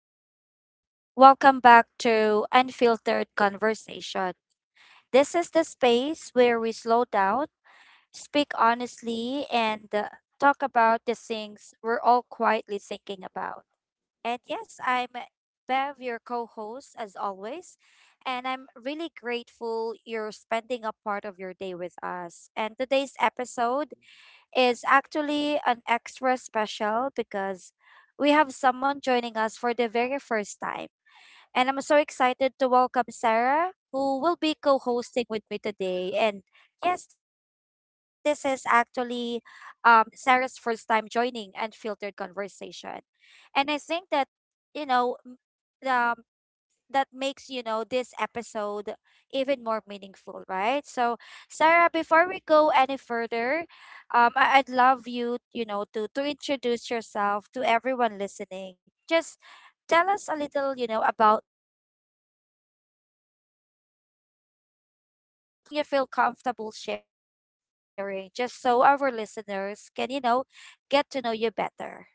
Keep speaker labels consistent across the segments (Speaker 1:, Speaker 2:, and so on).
Speaker 1: everyone. Welcome back to Unfiltered Conversation. This is the space where we slow down, speak honestly, and talk about the things we're all quietly thinking about. And yes, I'm Bev, your co host, as always. And I'm really grateful you're spending a part of your day with us. And today's episode is actually an extra special because we have someone joining us for the very first time. And I'm so excited to welcome Sarah, who will be co hosting with me today. And yes, this is actually Sarah's first time joining Unfiltered Conversation. And I think that, you know, m- the that makes this episode even more meaningful, right? So Sarah, before we go any further, I'd love you you know to introduce yourself to everyone listening. Just tell us a little, you know, about who you are, um what you do, or just anything you feel comfortable sharing, just so our listeners can, you know, get to know you better.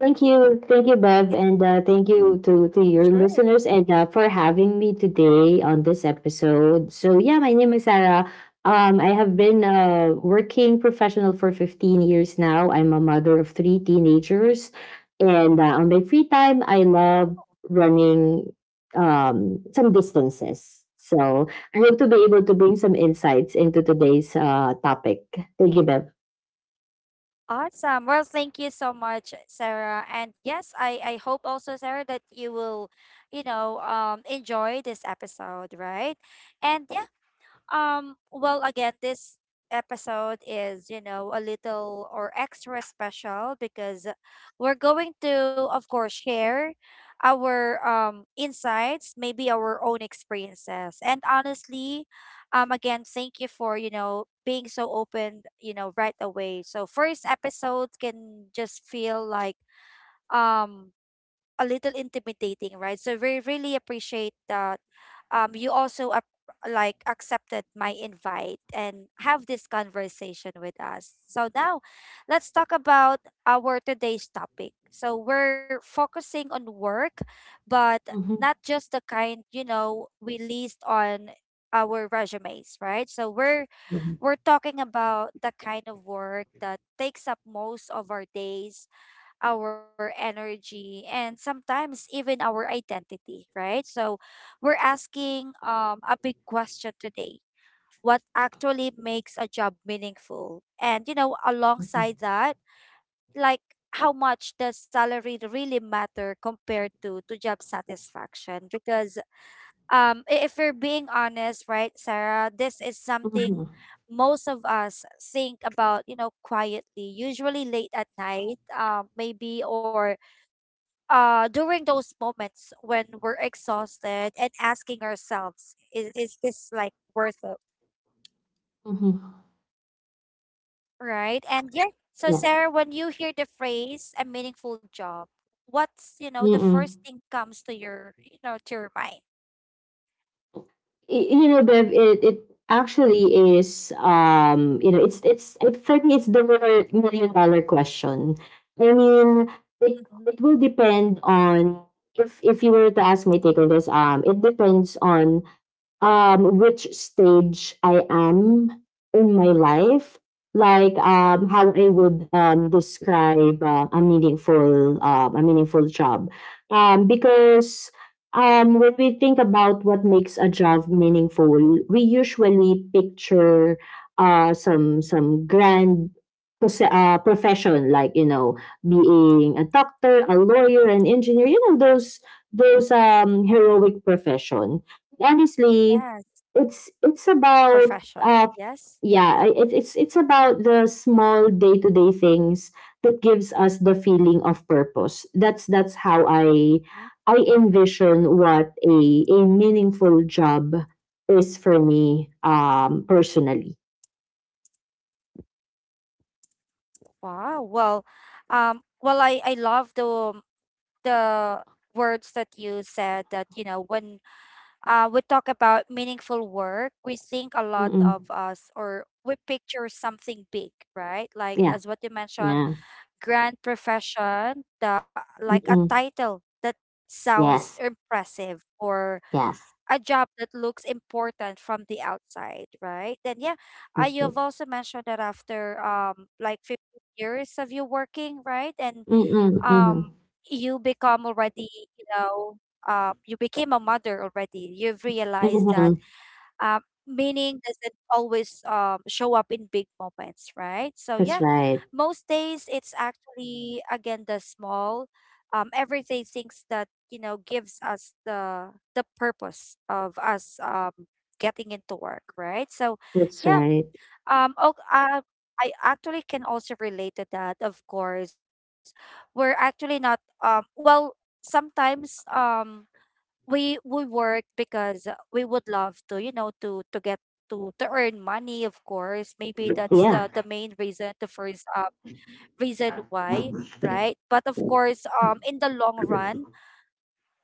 Speaker 2: Thank you. Thank you, Bev. And thank you to your listeners and
Speaker 1: Sure.
Speaker 2: for having me today on this episode. So, yeah, my name is Sarah. I have been a working professional for 15 years now. I'm a mother of three teenagers. And on my free time, I love running some distances. So, I hope to be able to bring some insights into today's topic. Thank you, Bev.
Speaker 1: Awesome. Well, thank you so much, Sarah. And yes, I hope also, Sarah, that you will, you know, enjoy this episode, right? And well, again, this episode is, you know, a little or extra special because we're going to, of course, share our insights, maybe our own experiences. And honestly, again, thank you for, you know, being so open, you know, right away. So first episodes can just feel like um a little intimidating, right? So we really appreciate that um you also ap- like accepted my invite and have this conversation with us. So now let's talk about our today's topic. So we're focusing on work, but not
Speaker 2: Mhm,
Speaker 1: just the kind, you know, we list on our resumes, right? So we're
Speaker 2: mhm,
Speaker 1: we're talking about the kind of work that takes up most of our days, our energy, and sometimes even our identity, right? So we're asking a big question today. What actually makes a job meaningful? And, you know,
Speaker 2: mhm,
Speaker 1: alongside that, like how much does salary really matter compared to job satisfaction? Because if we're being honest, right, Sarah, this is something
Speaker 2: mhm,
Speaker 1: most of us think about, you know, quietly, usually late at night, maybe, or during those moments when we're exhausted and asking ourselves, is this like worth it,
Speaker 2: mhm.
Speaker 1: right? And yeah, so
Speaker 2: Yeah.
Speaker 1: Sarah, when you hear the phrase a meaningful job, what's, you know, the first
Speaker 2: Mm.
Speaker 1: thing comes to your, you know, to your mind?
Speaker 2: Y you know, Bev, it actually is, for me, it's the more million dollar question. I mean,
Speaker 1: Mm-hmm.
Speaker 2: it will depend on if you were to ask my take on this. It depends on which stage I am in my life, like how I would describe a meaningful job, because when we think about what makes a job meaningful, we usually picture some grand profession, like being a doctor, a lawyer, an engineer, you know, those heroic
Speaker 1: Yes.
Speaker 2: profession, honestly.
Speaker 1: Profession.
Speaker 2: it's it's
Speaker 1: Yes.
Speaker 2: about uh it's about the small day-to-day things that gives us the feeling of purpose. That's
Speaker 1: Mm.
Speaker 2: how I envision what a meaningful job is for me, personally.
Speaker 1: Wow. Well, I love the words that you said, that, you know, when we talk about meaningful work, we think a lot
Speaker 2: Mm-mm.
Speaker 1: of us, or we picture something big, right? Like
Speaker 2: Yeah,
Speaker 1: as what you mentioned,
Speaker 2: yeah.
Speaker 1: grand profession, the like a
Speaker 2: Mm-mm.
Speaker 1: title that sounds
Speaker 2: Yes,
Speaker 1: impressive or a
Speaker 2: yes.
Speaker 1: job that looks important from the outside, right? Then yeah, you have
Speaker 2: That's right.
Speaker 1: also mentioned that after like 15 years of you working, right? And
Speaker 2: Mm-mm.
Speaker 1: um
Speaker 2: Mm-hmm.
Speaker 1: you become already, you know, you became a mother already. You've realized that
Speaker 2: Mm-hmm.
Speaker 1: um meaning doesn't always show up in big moments, right? So
Speaker 2: That's
Speaker 1: yeah,
Speaker 2: right.
Speaker 1: most days it's actually again the small everyday things that, you know, gives us the purpose of us getting into work, right? So
Speaker 2: That's
Speaker 1: yeah.
Speaker 2: right.
Speaker 1: um, oh, uh, I actually can also relate to that, of course. We're actually not, well, sometimes we work because we would love to, you know, to get to earn money, of course. Maybe that's the
Speaker 2: Yeah.
Speaker 1: main reason, the first reason why, right? But of course, in the long run,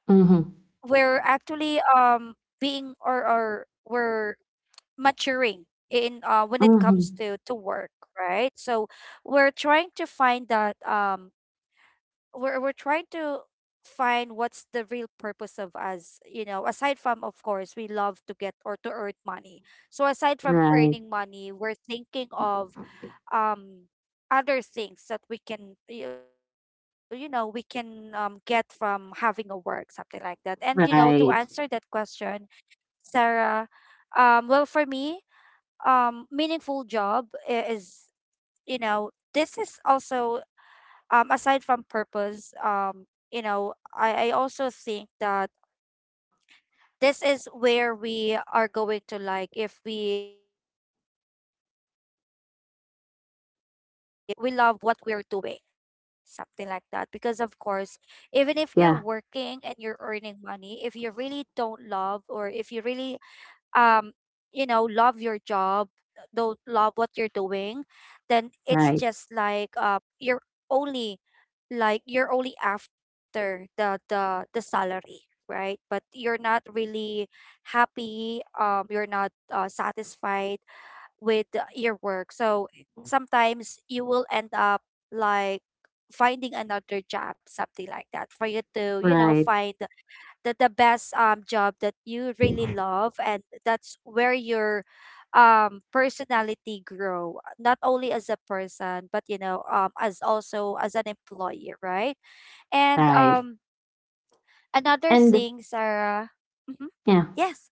Speaker 2: Mm-hmm.
Speaker 1: we're actually being or we're maturing in, when it comes
Speaker 2: Mm-hmm.
Speaker 1: to work, right? So we're trying to find that, we're trying to find what's the real purpose of us, you know, aside from, of course, we love to get or to earn money. So aside from
Speaker 2: Right.
Speaker 1: earning money, we're thinking of um other things that we can, you know, we can, get from having a work, something like that. And you know, to answer that
Speaker 2: Right.
Speaker 1: question, Sarah, well, for me, meaningful job, is, you know, this is also, aside from purpose, you know, I also think that this is where we are going to, like, if we love and if we're we love what we're doing, something like that. Because of course, even if you're
Speaker 2: Yeah.
Speaker 1: working and you're earning money, if you really don't love or if you really um you know, love your job, don't love what you're doing, then it's
Speaker 2: Right.
Speaker 1: just like, you're only, like you're only after the salary, right? But you're not really happy, you're not, satisfied with, your work. So sometimes you will end up like finding another job, something like that, for you to, you know,
Speaker 2: Right.
Speaker 1: find the best job that you really love. And that's where your personality grow, not only as a person, but, you know, as also as an employee, right? And
Speaker 2: Right.
Speaker 1: another
Speaker 2: And
Speaker 1: thing, Sarah. Hmm.
Speaker 2: yeah,
Speaker 1: Yes.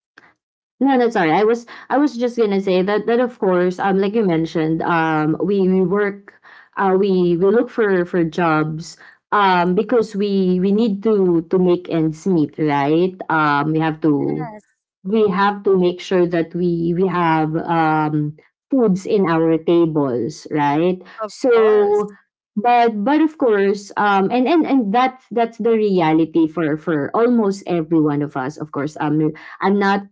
Speaker 2: no, that's all right. I was just gonna say that of course, like you mentioned, we work, we look for jobs, because we need to make ends meet, right?
Speaker 1: Yes,
Speaker 2: We have to make sure that we have foods in our tables, right?
Speaker 1: of course.
Speaker 2: So, but of course, and that's the reality for almost every one of us. Of course, I'm not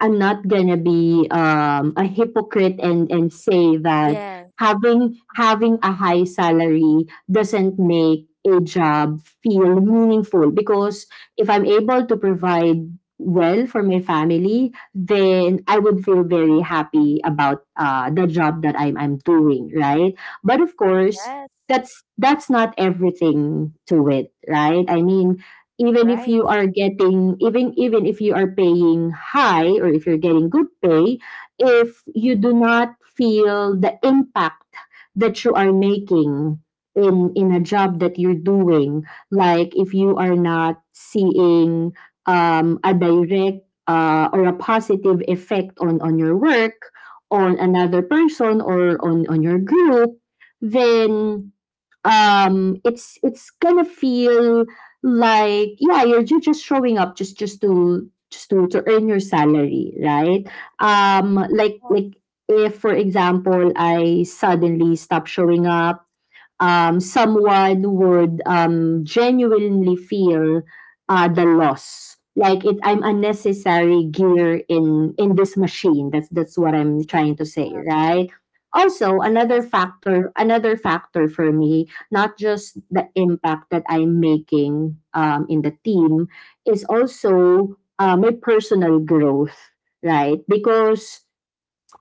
Speaker 2: I'm not gonna be
Speaker 1: Mhm.
Speaker 2: a hypocrite and say that
Speaker 1: Yes.
Speaker 2: having a high salary doesn't make a job feel meaningful, because if I'm able to provide well for my family, then I would feel very happy about the job that I'm doing, right? But of course,
Speaker 1: Yes.
Speaker 2: that's that's not everything to it, right? I mean,
Speaker 1: Right.
Speaker 2: even if you are paying high, or if you're getting good pay, if you do
Speaker 1: Mm-hmm.
Speaker 2: not feel the impact that you are making in a job that you're doing. Like, if you are not seeing a direct or a positive effect on your work, on another person,
Speaker 1: Mm-hmm.
Speaker 2: or on your group, then it's gonna feel like, yeah, you're just showing up just to earn your salary, right? um like
Speaker 1: Yes.
Speaker 2: like if for example I suddenly stop showing up, someone would genuinely feel the loss. Like, it, I'm a necessary gear in this machine. That's what I'm trying to say, right? Also,
Speaker 1: Yes.
Speaker 2: another factor for me, not just the impact that I'm making, in the team, is also my personal growth, right? Because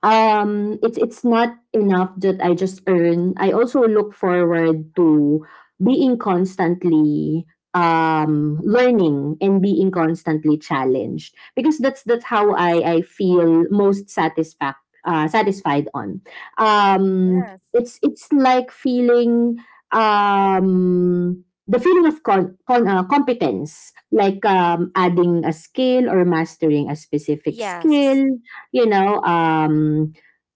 Speaker 2: it's not enough that I just earn. I also look forward to being constantly learning and being constantly challenged, because that's how
Speaker 1: Yes.
Speaker 2: I feel most satisfac satisfied on. Um
Speaker 1: Yes.
Speaker 2: it's like feeling, um the feeling of con, con competence, like adding a skill or mastering a specific skill,
Speaker 1: Yes.
Speaker 2: you know, um,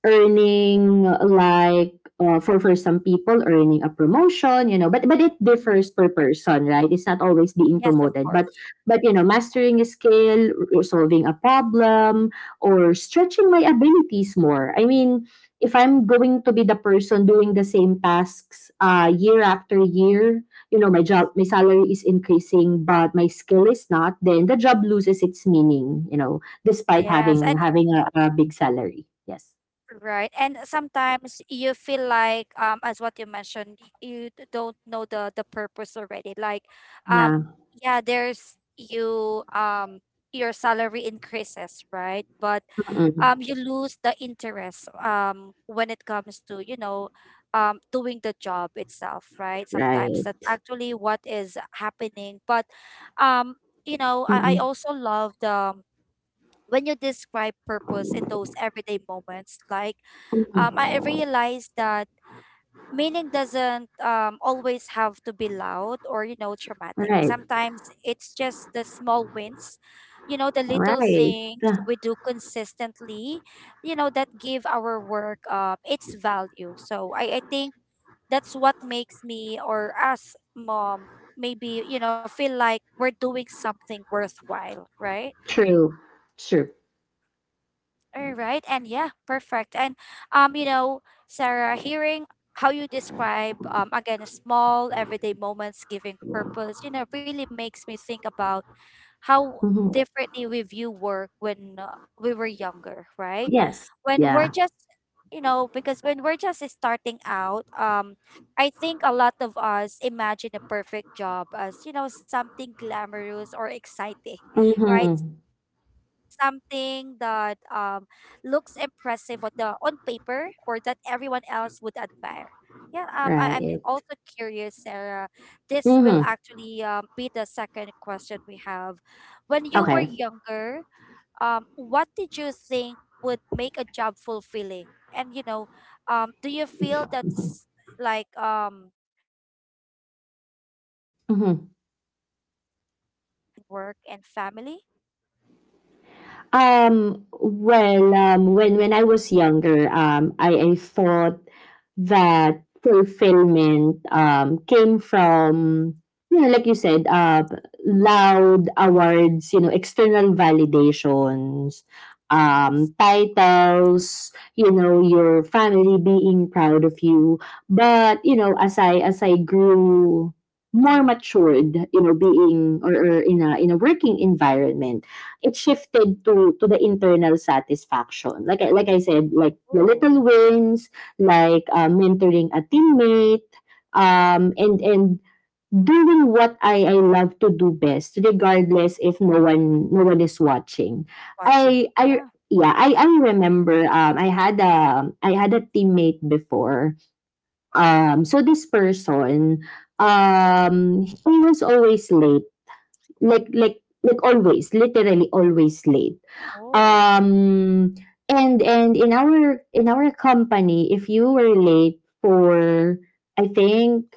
Speaker 2: earning, like, for some people, earning a promotion, you know. But it
Speaker 1: Hmm.
Speaker 2: differs per person, right? It's not always being
Speaker 1: Yes, of
Speaker 2: promoted, but
Speaker 1: course.
Speaker 2: mastering a skill, solving a problem, or stretching my abilities more. I mean, if I'm going to be the person doing the same tasks, year after year, my job, my salary is increasing, but my skill is not, then the job loses its meaning. Despite
Speaker 1: Yes.
Speaker 2: having
Speaker 1: And
Speaker 2: having a big salary. Yes.
Speaker 1: right. And sometimes you feel like, as what you mentioned, you, don't know the purpose already. Like um
Speaker 2: Yeah.
Speaker 1: yeah, there's you, your salary increases, right? But
Speaker 2: Mm-mm.
Speaker 1: you lose the interest when it comes to, you know, doing the job itself, right? Sometimes
Speaker 2: Right.
Speaker 1: that's actually what is happening. But um, you know, I
Speaker 2: Mm-mm.
Speaker 1: also love the, when you describe purpose in those everyday moments, like,
Speaker 2: Mm-mm.
Speaker 1: I realized that meaning doesn't, always have to be loud or, you know, dramatic.
Speaker 2: Right.
Speaker 1: Sometimes it's just the small wins, you know, the little
Speaker 2: Right.
Speaker 1: things
Speaker 2: Yeah.
Speaker 1: we do consistently, you know, that give our work, its value. So I think that's what makes me or us mom maybe, you know, feel like we're doing something worthwhile, right?
Speaker 2: True. True.
Speaker 1: All right, and yeah, perfect. And you know, Sarah, hearing how you describe, again, small everyday moments giving purpose, you know, really makes me think about how
Speaker 2: Hmm.
Speaker 1: differently we view work when, we were younger, right?
Speaker 2: Yes.
Speaker 1: When we're
Speaker 2: Yeah.
Speaker 1: just, you know, because when we're just starting out, I think a lot of us imagine a perfect job as, you know, something glamorous or exciting, right?
Speaker 2: Hmm.
Speaker 1: Something that looks impressive on the on paper, or that everyone else would admire. Yeah, I'm
Speaker 2: Right.
Speaker 1: also curious, Sarah. This will
Speaker 2: Hmm.
Speaker 1: actually be the second question we have. When you were
Speaker 2: Okay.
Speaker 1: younger, what did you think would make a job fulfilling? And you know, do you feel that's like changed now after all your
Speaker 2: Mhm.
Speaker 1: years of experience and balancing work and family?
Speaker 2: Well, when I was younger, I thought that fulfillment came from, like you said, loud awards, external validations,
Speaker 1: Yes.
Speaker 2: titles, your family being proud of you. But as I grew more matured, being, or in a working environment, it shifted to the internal satisfaction, like I said, like the
Speaker 1: Oh,
Speaker 2: little wins, like mentoring a teammate, and doing what I love to do best, regardless if no one is watching.
Speaker 1: watching.
Speaker 2: I
Speaker 1: Yeah.
Speaker 2: yeah I remember, I had a teammate before. So this person, he was always late. Always, literally always late.
Speaker 1: Oh.
Speaker 2: um and in our company, if you were late for, I think,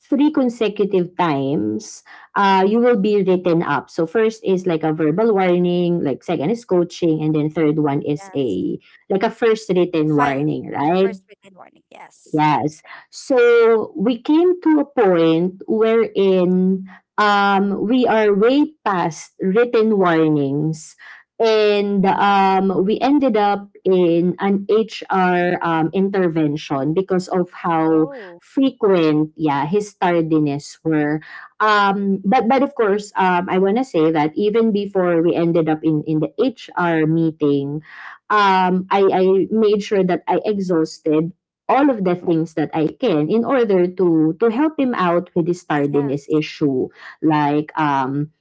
Speaker 2: three consecutive times, you will
Speaker 1: Mm-hmm.
Speaker 2: be written up. So first is like a verbal warning, like second is coaching, and then third one is
Speaker 1: Yes.
Speaker 2: a first written
Speaker 1: Five
Speaker 2: warning, right?
Speaker 1: first written warning. Yes.
Speaker 2: Yes. So we came to a point wherein, we are way past written warnings. And
Speaker 1: Mm.
Speaker 2: we ended up in an HR intervention, because of how
Speaker 1: Oh,
Speaker 2: frequent, yeah, his tardiness were. But of course, I want to say that even before we ended up in the HR meeting, I made sure that I exhausted all of the things that I can in order to help him out with his tardiness
Speaker 1: yeah.
Speaker 2: issue. Like,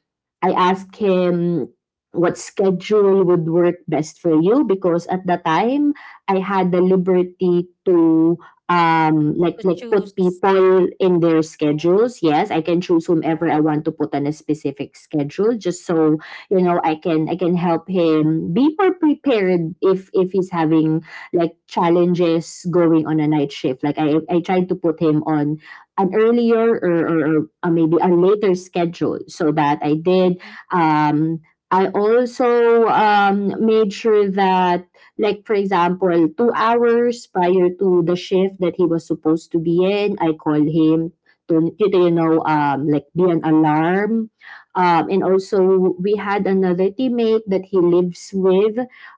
Speaker 2: I asked him, what schedule would work best for you, because at the time I had the liberty to,
Speaker 1: To
Speaker 2: put
Speaker 1: choose.
Speaker 2: people in their schedules.
Speaker 1: Oh,
Speaker 2: Yes, I can choose whomever I want to
Speaker 1: right.
Speaker 2: put on a specific schedule, just so I can help him be more prepared if he's having like challenges going on a night shift. Like, I tried to put him on an earlier, or, maybe a later schedule, so that I did.
Speaker 1: Mm-hmm.
Speaker 2: Um, I also made sure that, like, for example, 2 hours prior to the shift that he was supposed to be in, I called him, to, be an alarm. And also, we
Speaker 1: Mm-hmm.
Speaker 2: had another teammate that he lives with,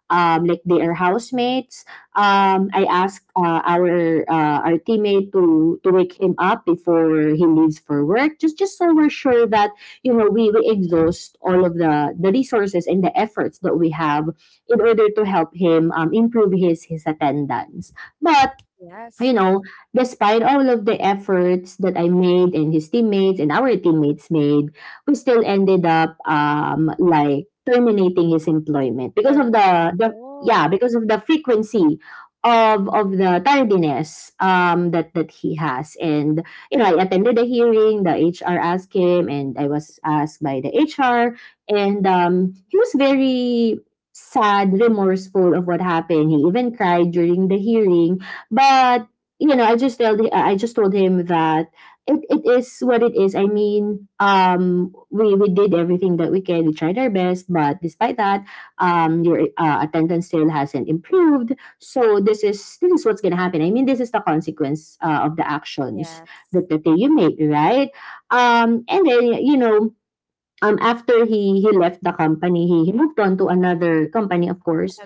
Speaker 2: like, they are housemates. I asked our teammate to wake him up before he leaves for work, just so we're sure that, we exhaust all of the resources and the efforts that we have in order to help him improve his attendance. But you know,
Speaker 1: Yes.
Speaker 2: despite all of the efforts that I made, and his teammates and our teammates made, we still ended up, like, terminating his employment because of
Speaker 1: There.
Speaker 2: the
Speaker 1: Oh.
Speaker 2: frequency of the tardiness, that he has. And I attended the hearing. The HR asked him, and I was asked by the HR. And he was
Speaker 1: Mm-hmm.
Speaker 2: very sad, remorseful of what happened. He even cried during the hearing. But I just told him, I just told him that it is what it is. I mean, we did everything that we can. We tried our best, but despite that, your attendance still hasn't improved. So this is what's gonna happen. I mean, this is the consequence of the actions that you
Speaker 1: Yes.
Speaker 2: made, right? And then, after he left the company, he moved on to another company, of course.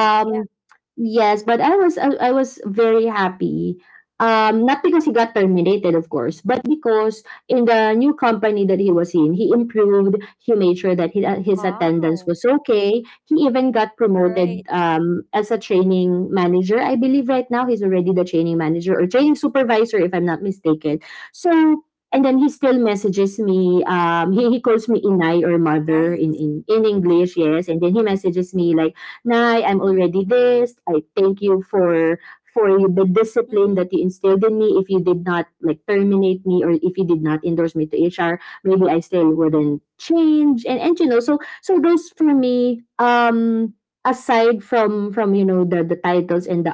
Speaker 1: Another company. Yeah.
Speaker 2: yes, but I was very happy. Not because he got terminated, of course, but because in the new company that he was in, he improved. He made sure that, his attendance was
Speaker 1: Wow.
Speaker 2: okay. He even got promoted,
Speaker 1: Right.
Speaker 2: as a training manager. I believe right now he's already the training manager or training supervisor, if I'm not mistaken. So and then he still messages me. He calls me inai, or mother
Speaker 1: Nice.
Speaker 2: in English, yes. And then he messages me like, "Nai, I'm already this. I thank you for the
Speaker 1: Mm-hmm.
Speaker 2: discipline that you instilled in me. If you did not like terminate me, or if you did not endorse me to HR, maybe I still wouldn't change. And you know, so so those for me, aside from the
Speaker 1: Mm-hmm.
Speaker 2: titles and the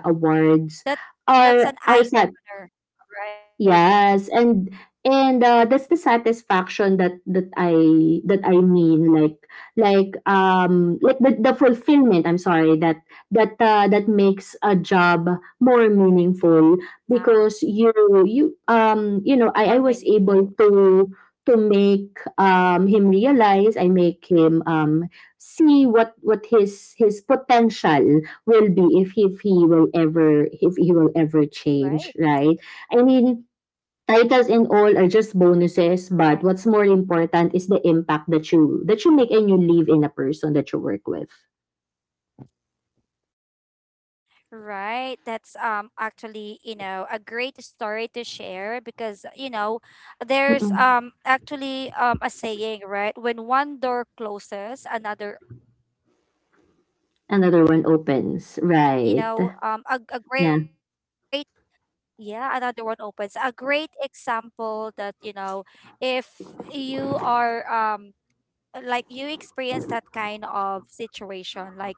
Speaker 1: That
Speaker 2: awards,
Speaker 1: that's an
Speaker 2: are
Speaker 1: eye
Speaker 2: are
Speaker 1: opener, right?
Speaker 2: yes, and and
Speaker 1: Mm-hmm.
Speaker 2: uh, that's the satisfaction that that I mean like the fulfillment. I'm sorry, that makes a job more meaningful
Speaker 1: Yeah.
Speaker 2: because you you um you know
Speaker 1: More
Speaker 2: I I was
Speaker 1: meaningful.
Speaker 2: able to make him realize, I make him see what his potential will be if he will ever
Speaker 1: Right.
Speaker 2: change, right? I mean, titles and all are just bonuses,
Speaker 1: Correct.
Speaker 2: but what's more important is the impact that you make and you leave in a person that you work with.
Speaker 1: Right. That's actually, you know, a great story to share because, you know, there's
Speaker 2: Mm-mm.
Speaker 1: actually a saying, right? When one door closes, another one opens, right? So
Speaker 2: Another
Speaker 1: yeah,
Speaker 2: one
Speaker 1: that's
Speaker 2: opens. Right.
Speaker 1: already, you know,
Speaker 2: Yeah.
Speaker 1: a great, yeah, another one opens. A great example that, you know, if you are like you experience that kind of situation, like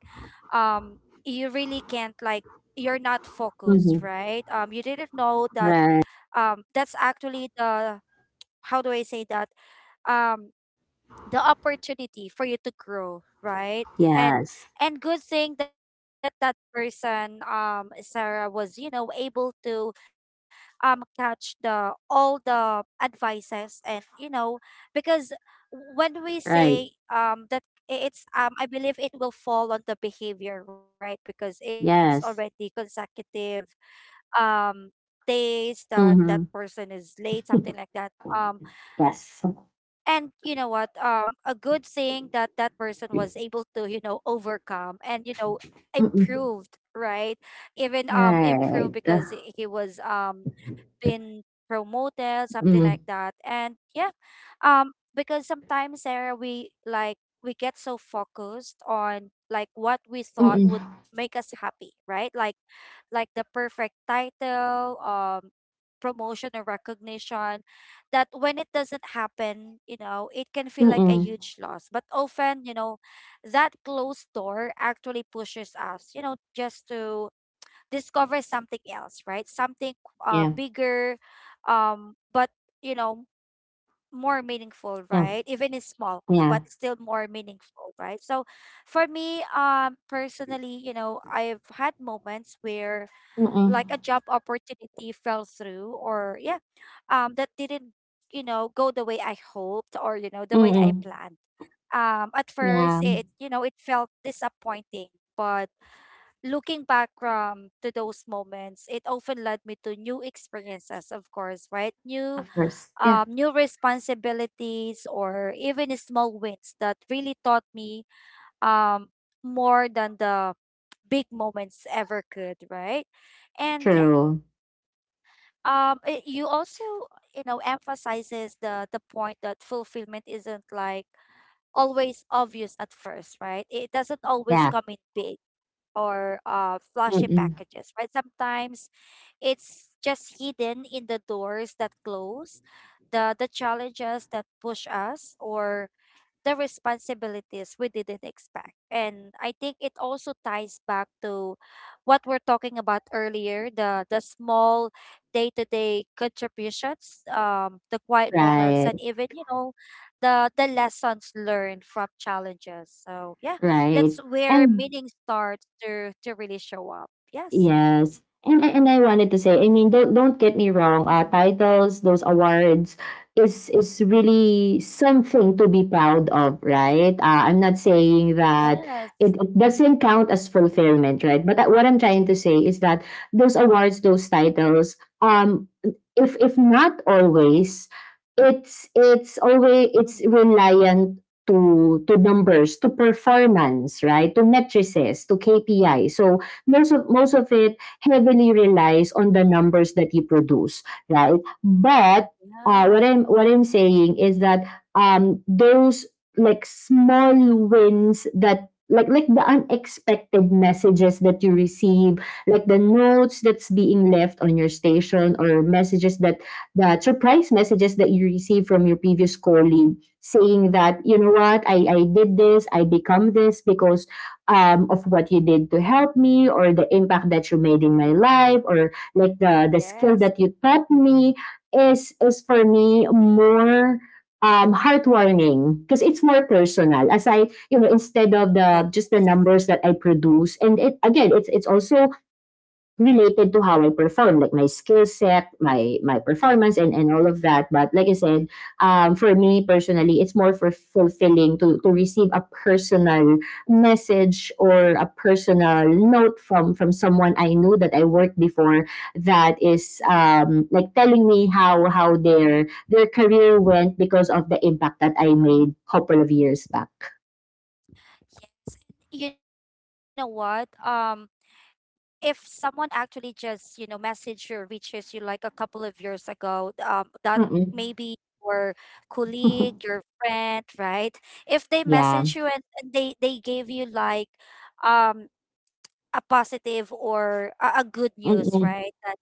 Speaker 1: um you really can't, like you're not
Speaker 2: Mm-hmm.
Speaker 1: focused, right? You didn't know
Speaker 2: Right.
Speaker 1: that that's actually the, how do I say that, um the opportunity for you to grow, right?
Speaker 2: Yes.
Speaker 1: and and good thing that that person, Sarah, was, you know, able to, catch the all the advices. And you know, because when we
Speaker 2: Right.
Speaker 1: say, that, it's, I believe it will fall on the behavior, right? Because it's already
Speaker 2: Yes.
Speaker 1: consecutive um days that that
Speaker 2: Mm-hmm.
Speaker 1: person is late, something like that. um
Speaker 2: Yes.
Speaker 1: and you know what, a good thing that that person was able to, you know, overcome and, you know,
Speaker 2: Mm-mm.
Speaker 1: improved, right? Even improved,
Speaker 2: Right.
Speaker 1: because he was, been promoted, something like
Speaker 2: Mm.
Speaker 1: that. And yeah, um because sometimes, Sarah, we like, we get so focused on like what we thought would
Speaker 2: Mm-mm.
Speaker 1: make us happy, right? Like the perfect title, promotion, or recognition, that when it doesn't happen, you know, it can feel like a
Speaker 2: Mm-mm.
Speaker 1: huge loss. But often, you know, that closed door actually pushes us, you know, just to discover something else, right? Something
Speaker 2: Yeah.
Speaker 1: bigger, but you know, more meaningful,
Speaker 2: Yeah.
Speaker 1: right? Even it's small, but
Speaker 2: Yeah.
Speaker 1: it's still more meaningful, right? So for me, personally, you know, I've had moments where
Speaker 2: Mm-mm.
Speaker 1: like a job opportunity fell through. Or that didn't, you know, go the way I hoped or, you know, the way
Speaker 2: Mm-mm.
Speaker 1: I planned. At first,
Speaker 2: Yeah.
Speaker 1: it, you know, it felt disappointing, but looking back from to those moments, it often led me to new experiences, of course, right? New,
Speaker 2: Of course. Yeah.
Speaker 1: new responsibilities or even small wins that really taught me, um more than the big moments ever could, right? and yeah
Speaker 2: True.
Speaker 1: um it, you also, you know, emphasizes the point that fulfillment isn't like always obvious at first, right? It doesn't always
Speaker 2: Yeah.
Speaker 1: come in big or flashy
Speaker 2: Mm-mm.
Speaker 1: packages, right? Sometimes it's just hidden in the doors that close, the challenges that push us, or the responsibilities we didn't expect. And I think it also ties back to what we're talking about earlier, the small day-to-day contributions, the quiet moments,
Speaker 2: Right,
Speaker 1: and even, you know, the lessons learned from challenges. So yeah,
Speaker 2: right?
Speaker 1: that's where
Speaker 2: And
Speaker 1: meaning starts to really show up. Yes.
Speaker 2: yes. And I wanted to say, I mean, don't get me wrong,
Speaker 1: Mhm.
Speaker 2: titles, those awards is really something to be proud of, right? I'm not saying that
Speaker 1: Yes.
Speaker 2: it doesn't count as fulfillment, right? But what I'm trying to say is that those awards, those titles, um, if not always,
Speaker 1: Hmm.
Speaker 2: it's reliant to numbers, to performance, right? To matrices, to KPI. So most of it heavily relies on the numbers that you produce, right? But uh, what I'm
Speaker 1: Yes.
Speaker 2: what I'm saying is that those like small wins, that like the unexpected messages that you receive, like the notes that's being left on your station or messages that the surprise messages that you receive from your previous colleague saying that, you know what, I did this, I become this because of what you did to help me, or the impact that you made in my life, or like the skill that you
Speaker 1: Yes.
Speaker 2: taught me is for me more heartwarming because it's more personal, as I, you know, instead of the just the numbers that I produce. And again, it's also related to how I perform, like my skill set, my
Speaker 1: Yes.
Speaker 2: performance, and all of that. But like I said, for me personally, it's more for fulfilling to receive a personal message or a personal note from someone I knew that I worked before, that is like
Speaker 1: Mhm.
Speaker 2: telling me how their career went because of the impact that I made a couple of years back.
Speaker 1: Yeah, you know what? If someone actually just, you know, message you or reaches you like a couple of years ago, that
Speaker 2: Mm-mm.
Speaker 1: maybe your colleague, your friend, right? If they
Speaker 2: Yeah.
Speaker 1: message you and, and they gave you like um a positive or a good news,
Speaker 2: Mm-mm.
Speaker 1: right? That,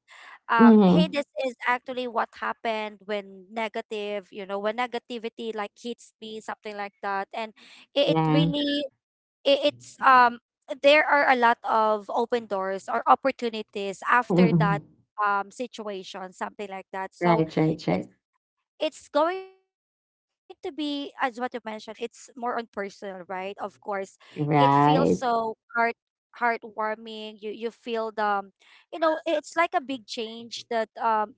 Speaker 1: hey,
Speaker 2: Mm-hmm.
Speaker 1: this is actually what happened when negative, you know, when negativity like hits me, something like that. And it
Speaker 2: Yeah.
Speaker 1: really, it, it's, there are a lot of open doors or opportunities after that,
Speaker 2: Mm-mm.
Speaker 1: situation, something like that. So
Speaker 2: Right, right,
Speaker 1: it's
Speaker 2: right.
Speaker 1: it's going to be, as what you mentioned, it's more on personal, right? Of course, it feels so
Speaker 2: Right.
Speaker 1: heart, heartwarming. You feel the, you know, it's like a big change that,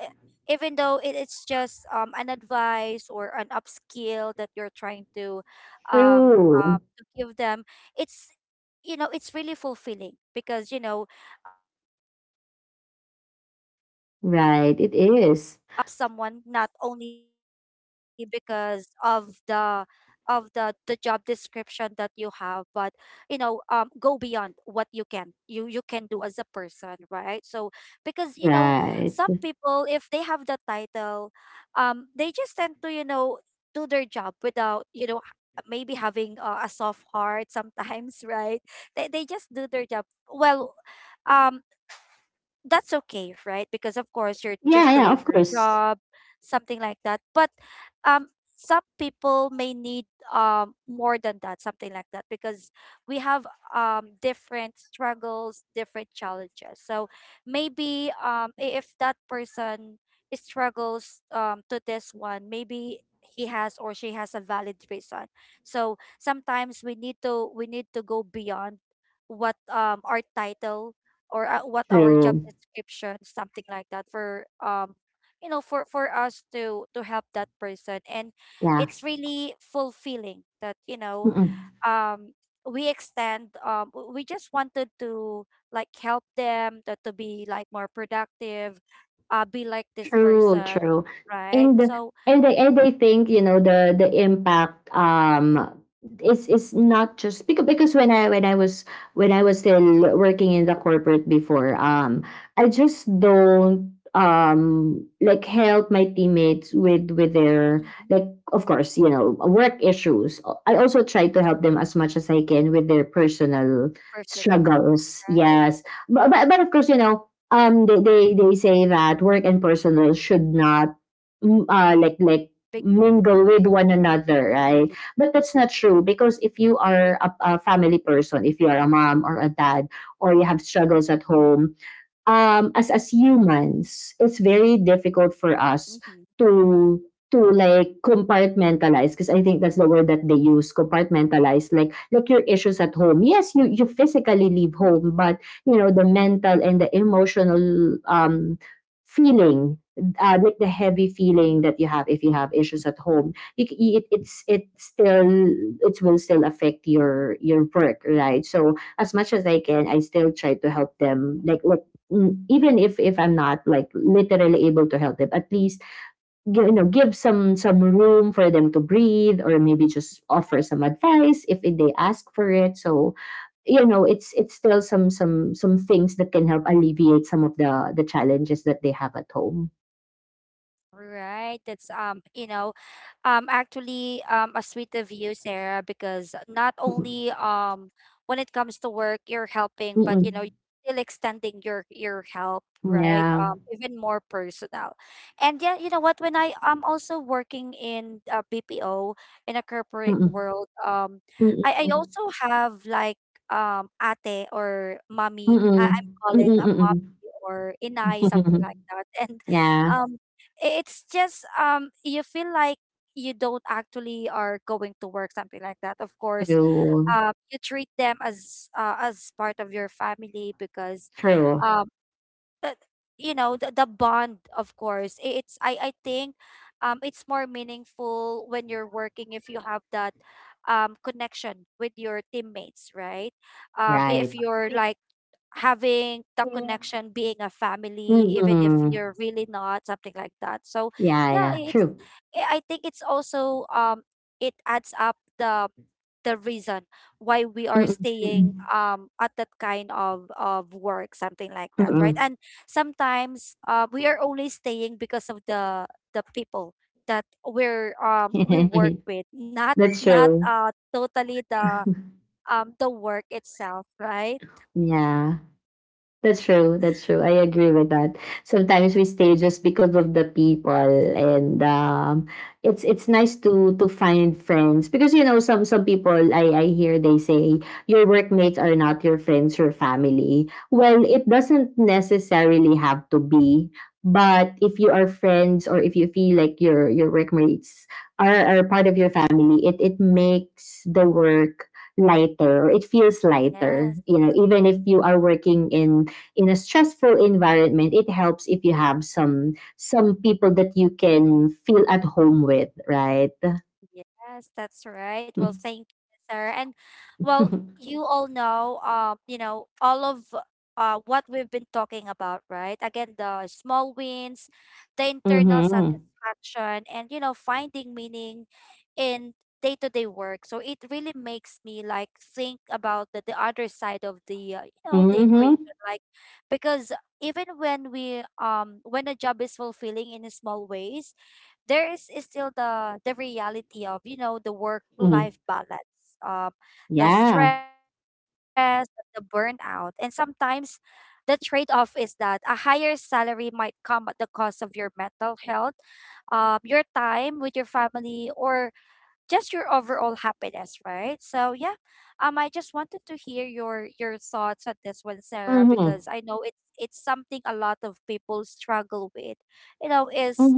Speaker 1: e- even though it, it's just an advice or an upskill that you're trying to,
Speaker 2: True.
Speaker 1: to give them. It's, you know, it's really fulfilling because, you know, you knew to yourself that, um
Speaker 2: Right. It is.
Speaker 1: you help someone not only because of the job description that you have, but, you know, go beyond what you can, you can do as a person, right? So because, you know,
Speaker 2: Right. Yeah,
Speaker 1: some people, if they have the title, they just tend to, you know, do their job without, you know, maybe having, a soft heart sometimes right? They just do their job well. um that's okay, right? Because, of course, you're just
Speaker 2: yeah,
Speaker 1: doing
Speaker 2: of
Speaker 1: your
Speaker 2: course.
Speaker 1: job, something like that. But, um some people may need, more than that, something like that, because we have, different struggles, different challenges. So maybe, if that person struggles, to this one, maybe he has or she has a valid reason. So sometimes we need to go beyond what, our title or, what our job
Speaker 2: True.
Speaker 1: description, something like that, for, you know, for us to help that person. And
Speaker 2: Yeah.
Speaker 1: it's really fulfilling that, you know, um we extend, we just wanted to like help them to be like more productive, be like this
Speaker 2: True,
Speaker 1: person,
Speaker 2: true.
Speaker 1: right?
Speaker 2: And
Speaker 1: So
Speaker 2: and I think, you know, the impact is not just because when I was still working in the corporate before, I just don't like help my teammates with their
Speaker 1: Mhm.
Speaker 2: like, of course, you know, work issues. I also try to help them as much as I can with their personal
Speaker 1: Personal.
Speaker 2: struggles,
Speaker 1: Right.
Speaker 2: yes. But of course, you know, they say that work and personal should not like
Speaker 1: Big.
Speaker 2: mingle with one another, right? But that's not true because if you are a family person, if you are a mom or a dad, or you have struggles at home, as humans it's very difficult
Speaker 1: Uhum.
Speaker 2: for us to like compartmentalize, because I think that's the word that they use, compartmentalize, like your issues at home. Yes, you physically leave home, but you know, the mental and the emotional feeling, like the heavy feeling that you have if you have issues at home, it still, it will still affect your work, right? So as much as I can, I still try to help them. Like even if I'm not like literally able to help them, at least you know, give some room for them to breathe, or maybe just offer some advice if they ask for it. So you know, it's still some things that can help alleviate some of the challenges that they have at home.
Speaker 1: Right. That's, you know, actually a sweet of you, Sarah, because not
Speaker 2: Mm-mm.
Speaker 1: only, when it comes to work you're helping, but, you know, you're
Speaker 2: Mm-mm.
Speaker 1: still extending your help, right?
Speaker 2: Yeah.
Speaker 1: Even more personal. And yeah, you know what, when I am also working in, BPO in a corporate
Speaker 2: Mm-mm.
Speaker 1: world, I
Speaker 2: Mm-mm.
Speaker 1: also have like, ate or mommy. I, I'm
Speaker 2: Mm-mm.
Speaker 1: calling a mommy
Speaker 2: Mm-mm.
Speaker 1: or inai, something
Speaker 2: Mm-mm.
Speaker 1: like that. And,
Speaker 2: Yeah.
Speaker 1: um it's just, you feel like you don't actually are going to work, something like that. Of course,
Speaker 2: True,
Speaker 1: you treat them as, as part of your family because,
Speaker 2: true.
Speaker 1: um but, you know, the bond, of course, it's I think, it's more meaningful when you're working if you have that, connection with your teammates, right? If
Speaker 2: Right.
Speaker 1: you're like having the
Speaker 2: Yeah.
Speaker 1: connection, being a family even if you're
Speaker 2: Mm-mm.
Speaker 1: really not, something like that. So
Speaker 2: Yeah,
Speaker 1: yeah,
Speaker 2: yeah,
Speaker 1: it's,
Speaker 2: true.
Speaker 1: I think it's also, it adds up the reason why we are
Speaker 2: Mm,
Speaker 1: staying,
Speaker 2: mm,
Speaker 1: at that kind of work, something like that, right?
Speaker 2: mm.
Speaker 1: And sometimes, we are only staying because of the people that we're, we work
Speaker 2: Mm.
Speaker 1: with, not
Speaker 2: That's
Speaker 1: not,
Speaker 2: true.
Speaker 1: totally the, the work itself, right?
Speaker 2: Yeah. That's true. That's true. I agree with that. Sometimes we stay just because of the people. And it's nice to find friends, because you know, some people, I hear they say your workmates are not your friends, your family. Well, it doesn't necessarily have to be, but if you are friends, or if you feel like your workmates are part of your family, it makes the work lighter, or it feels lighter.
Speaker 1: Yes.
Speaker 2: You know, even if you are working in a stressful environment, it helps if you have some people that you can feel at home with, right?
Speaker 1: Yes, that's right. Well, thank you, Sarah. And well, you all know, you know, all of, what we've been talking about, right? Again, the small wins, the internal
Speaker 2: Mm-hmm.
Speaker 1: satisfaction, and, you know, finding meaning in day-to-day work. So it really makes me like think about the other side of the, you know, the
Speaker 2: Mm-hmm.
Speaker 1: equation, like, because even when we, when a job is fulfilling in small ways, there is still the reality of, you know, the work life
Speaker 2: Hmm.
Speaker 1: balance, the
Speaker 2: Yeah.
Speaker 1: stress, the burnout, and sometimes the trade off is that a higher salary might come at the cost of your mental health, your time with your family, or just your overall happiness, right? So yeah, I just wanted to hear your thoughts on this one, Sarah, because
Speaker 2: Mm-hmm.
Speaker 1: I know it's something a lot of people struggle with. You know,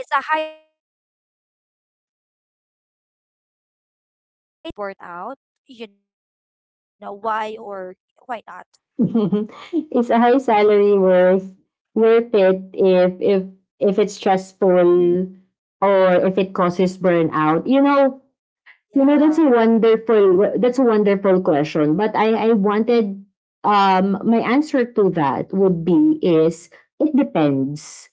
Speaker 1: is a high salary worth it if, you know, the job causes stress or burnout? You know, why or why not?
Speaker 2: Mm-hmm. Is a high salary worth it if if it's stressful or if it causes burnout? You know, you know,
Speaker 1: Yeah.
Speaker 2: that's a wonderful question. But I wanted, my answer to that would be is, it depends.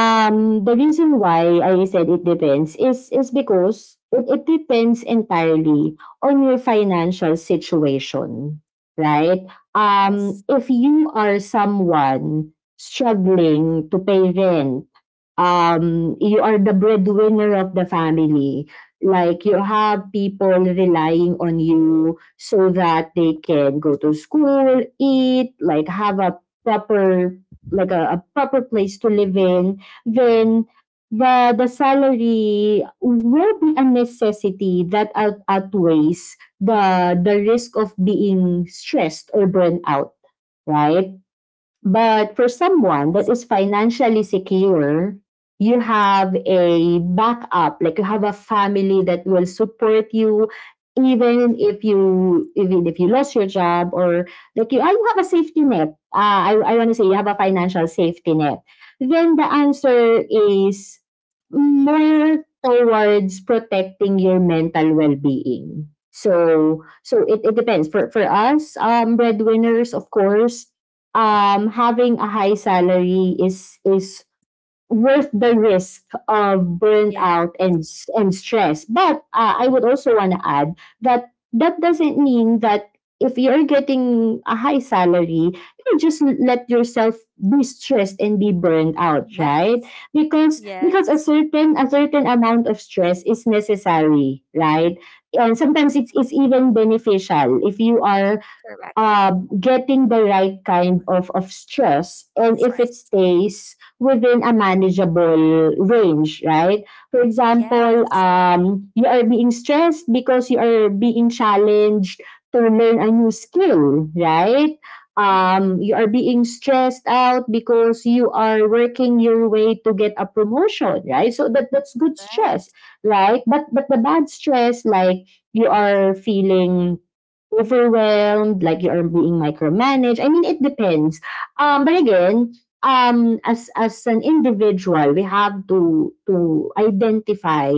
Speaker 1: Yeah.
Speaker 2: The reason why I said it depends is because it depends entirely on your financial situation, right?
Speaker 1: Yes.
Speaker 2: If you are someone struggling to pay rent, you are the breadwinner of the family, like you have people relying on you so that they can go to school, eat, like have a proper, like a proper place to live in, then the salary will be a necessity that outweighs the risk of being stressed or burned out, right? But for someone that
Speaker 1: Yes.
Speaker 2: is financially secure, you have a backup, like you have a family that will support you even if you lost your job, or like you have a safety net. I want to say you have a financial safety net. Then the answer is more towards protecting your mental well-being. So so it depends. For us, breadwinners, of course, having a high salary is worth the risk of burnt
Speaker 1: Yeah.
Speaker 2: out and and stress. But I would also want to add that doesn't mean that if you're getting a high salary, you just let yourself be stressed and be burned out, right?
Speaker 1: Yes.
Speaker 2: Because
Speaker 1: Yes.
Speaker 2: a certain amount of stress is necessary, right? And sometimes
Speaker 1: Mm.
Speaker 2: it's even beneficial if you are
Speaker 1: Correct.
Speaker 2: uh, getting the right kind of stress,
Speaker 1: Of
Speaker 2: and if it
Speaker 1: stress.
Speaker 2: stays within a manageable range, right? For example,
Speaker 1: Yes.
Speaker 2: you are being stressed because you are being challenged to learn a new skill, right?
Speaker 1: Mm-hmm.
Speaker 2: You are being stressed out because you are working your way to get a promotion, right? So that's good stress,
Speaker 1: Right.
Speaker 2: right? But the bad stress, like you are feeling overwhelmed, like you are being micromanaged. I mean, it depends. But again, as an individual, we have to identify,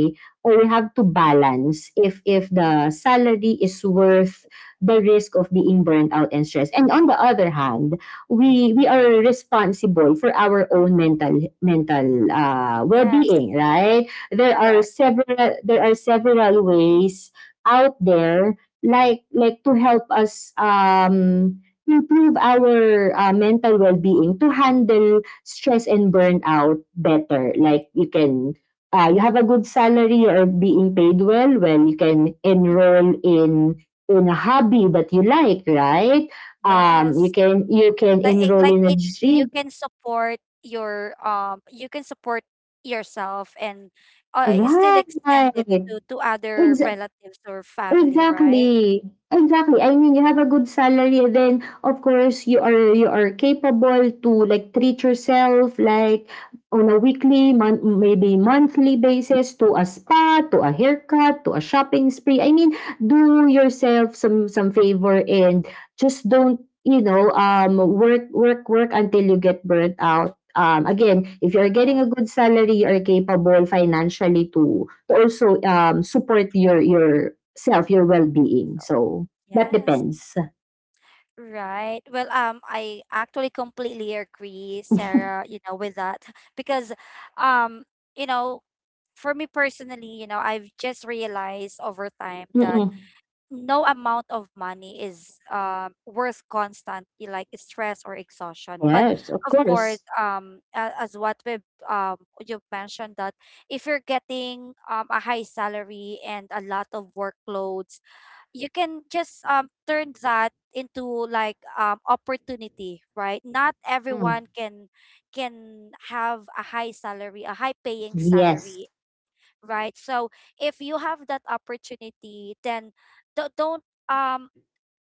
Speaker 2: or we have to balance if the salary is worth the risk of being burnt out and stressed. And on the other hand, we are responsible for our own mental
Speaker 1: Yes.
Speaker 2: well-being, right?
Speaker 1: Correct.
Speaker 2: There are several ways out there like to help us improve our mental well-being, to handle stress and burnout better. Like you can you have a good salary or being paid well. Well, you can
Speaker 1: Mhm.
Speaker 2: enroll in a hobby that you like, right? You
Speaker 1: Yes.
Speaker 2: can you can
Speaker 1: Like it,
Speaker 2: enroll
Speaker 1: like
Speaker 2: in a
Speaker 1: it, you
Speaker 2: gym,
Speaker 1: can support your, you can support yourself and, it still extend it
Speaker 2: right?
Speaker 1: to other
Speaker 2: Ex-
Speaker 1: relatives or family, right?
Speaker 2: Exactly, exactly. I mean, you have a good salary, and then of course you are capable to like treat yourself, like on a
Speaker 1: Mhm.
Speaker 2: weekly, month, maybe monthly basis, to a spa, to a haircut, to a shopping spree. I mean, do yourself some favor, and just don't, you know, work work work until you get burnt out. Again, if you're
Speaker 1: Yeah.
Speaker 2: getting a good salary, you are capable financially to also, support your self, your well-being.
Speaker 1: So,
Speaker 2: So that
Speaker 1: yes,
Speaker 2: depends.
Speaker 1: right. Well, I actually completely agree, Sarah, you know, with that because, um you know, for me personally, you know, I've just realized over time that
Speaker 2: Mm-mm.
Speaker 1: no amount of money is, worth constant, like stress or exhaustion. But
Speaker 2: Yes, of
Speaker 1: of course,
Speaker 2: course.
Speaker 1: as what we, um you've mentioned, that if you're getting, a high salary and a lot of workloads, you can just, turn that into like, opportunity, right? Not
Speaker 2: Mm.
Speaker 1: everyone can have a high salary, a high paying
Speaker 2: Yes.
Speaker 1: salary, right? So if you have that opportunity, then don't,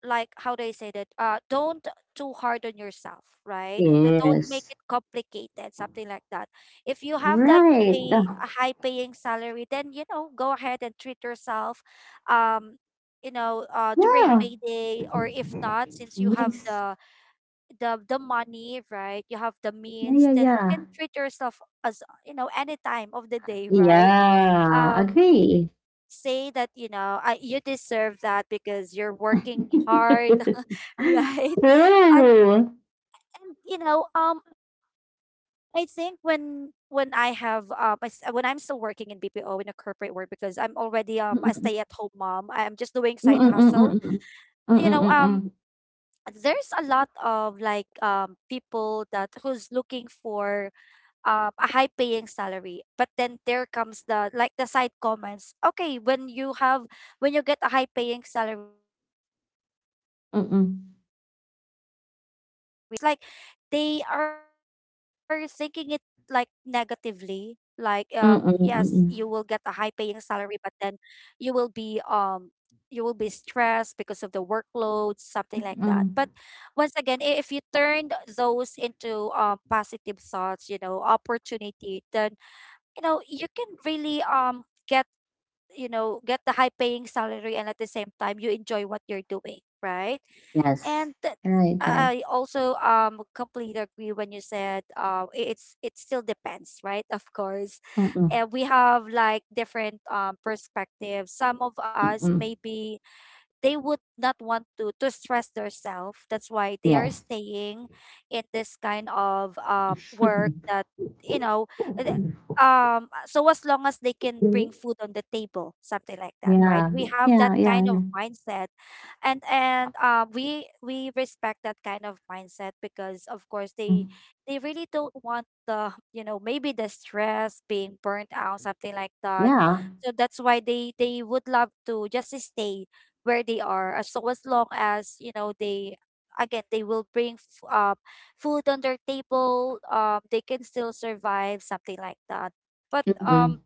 Speaker 1: like, how do I say that, don't too hard on yourself, right? Don't make
Speaker 2: Yes.
Speaker 1: it complicated, something like that. If you have that
Speaker 2: Right.
Speaker 1: pay, a high paying salary, then, you know, go ahead and treat yourself, um you know, during
Speaker 2: Yeah.
Speaker 1: payday, or if not, since you have
Speaker 2: Yes.
Speaker 1: the money, right? You have the
Speaker 2: Yeah,
Speaker 1: means,
Speaker 2: yeah,
Speaker 1: then you
Speaker 2: yeah.
Speaker 1: can treat yourself, as you know, any time of the day, right?
Speaker 2: Yeah,
Speaker 1: um
Speaker 2: agree.
Speaker 1: Say that, you know, I, you deserve that because you're working hard right? and,
Speaker 2: True.
Speaker 1: and, you know, I think when I have, when I'm still working in BPO in a corporate world, because I'm already, a
Speaker 2: Mm-mm.
Speaker 1: stay-at-home mom, I'm just doing side hustle.
Speaker 2: Mm-mm-mm-mm.
Speaker 1: You know,
Speaker 2: Mm-mm-mm-mm.
Speaker 1: there's a lot of like, people that who's looking for, a high paying salary, but then there comes the like the side comments, okay, when you have, when you get a high paying salary, then you get all the this work
Speaker 2: Mm-mm.
Speaker 1: workload, something like that, right? It's like they are thinking it like negatively, like, yes, you will get a high paying
Speaker 2: Mm-mm-mm-mm.
Speaker 1: salary, but then you will be, you will be stressed because of the workload, something like that. But
Speaker 2: Mm-mm.
Speaker 1: once again, if you turned those into, positive thoughts, you know, opportunity, then, you know, you can really, get, you know, get the high paying salary, and at the same time, you enjoy what you're doing, right?
Speaker 2: Yes.
Speaker 1: And th-
Speaker 2: Right, right.
Speaker 1: I also, completely agree when you said, it's it still depends, right? Of course,
Speaker 2: Mm-mm.
Speaker 1: and we have like different, perspectives. Some of us,
Speaker 2: Mm-mm.
Speaker 1: maybe they would not want to stress themselves. That's why they are
Speaker 2: Yes.
Speaker 1: staying in this kind of, work that, you know, uh, th- so as long as they can bring food on the table, something like that, right?
Speaker 2: Yeah,
Speaker 1: We have that
Speaker 2: yeah,
Speaker 1: kind
Speaker 2: yeah,
Speaker 1: of
Speaker 2: yeah.
Speaker 1: mindset. And we respect that kind of mindset, because of course,
Speaker 2: Mm,
Speaker 1: they really don't want the, you know, maybe the stress, being burnt out, something like that.
Speaker 2: yeah.
Speaker 1: So that's why they would love to just stay where they are, as so as long as you know they, again, they will bring, food on their table, they can still survive, something like that. But,
Speaker 2: Mm-mm.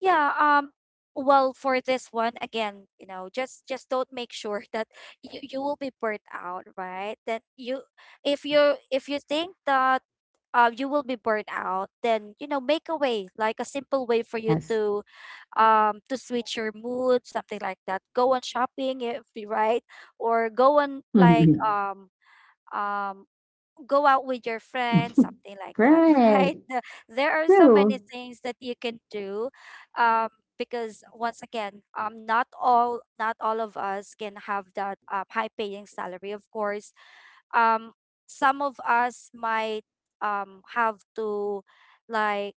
Speaker 1: yeah, well, for this one, again, you know, just don't make sure that you will be burnt out, right? That you, if you if you think that you will be burnt out, then, you know, make a way, like a simple way for you
Speaker 2: Yes.
Speaker 1: to switch your mood, something like that. Go on shopping if you right, or go on like
Speaker 2: Mhm.
Speaker 1: um go out with your friends, something like that, right?
Speaker 2: Right.
Speaker 1: There are so many
Speaker 2: True.
Speaker 1: things that you can do, um, because once again, not all of us can have that high paying salary. Of course, um, some of us might have to like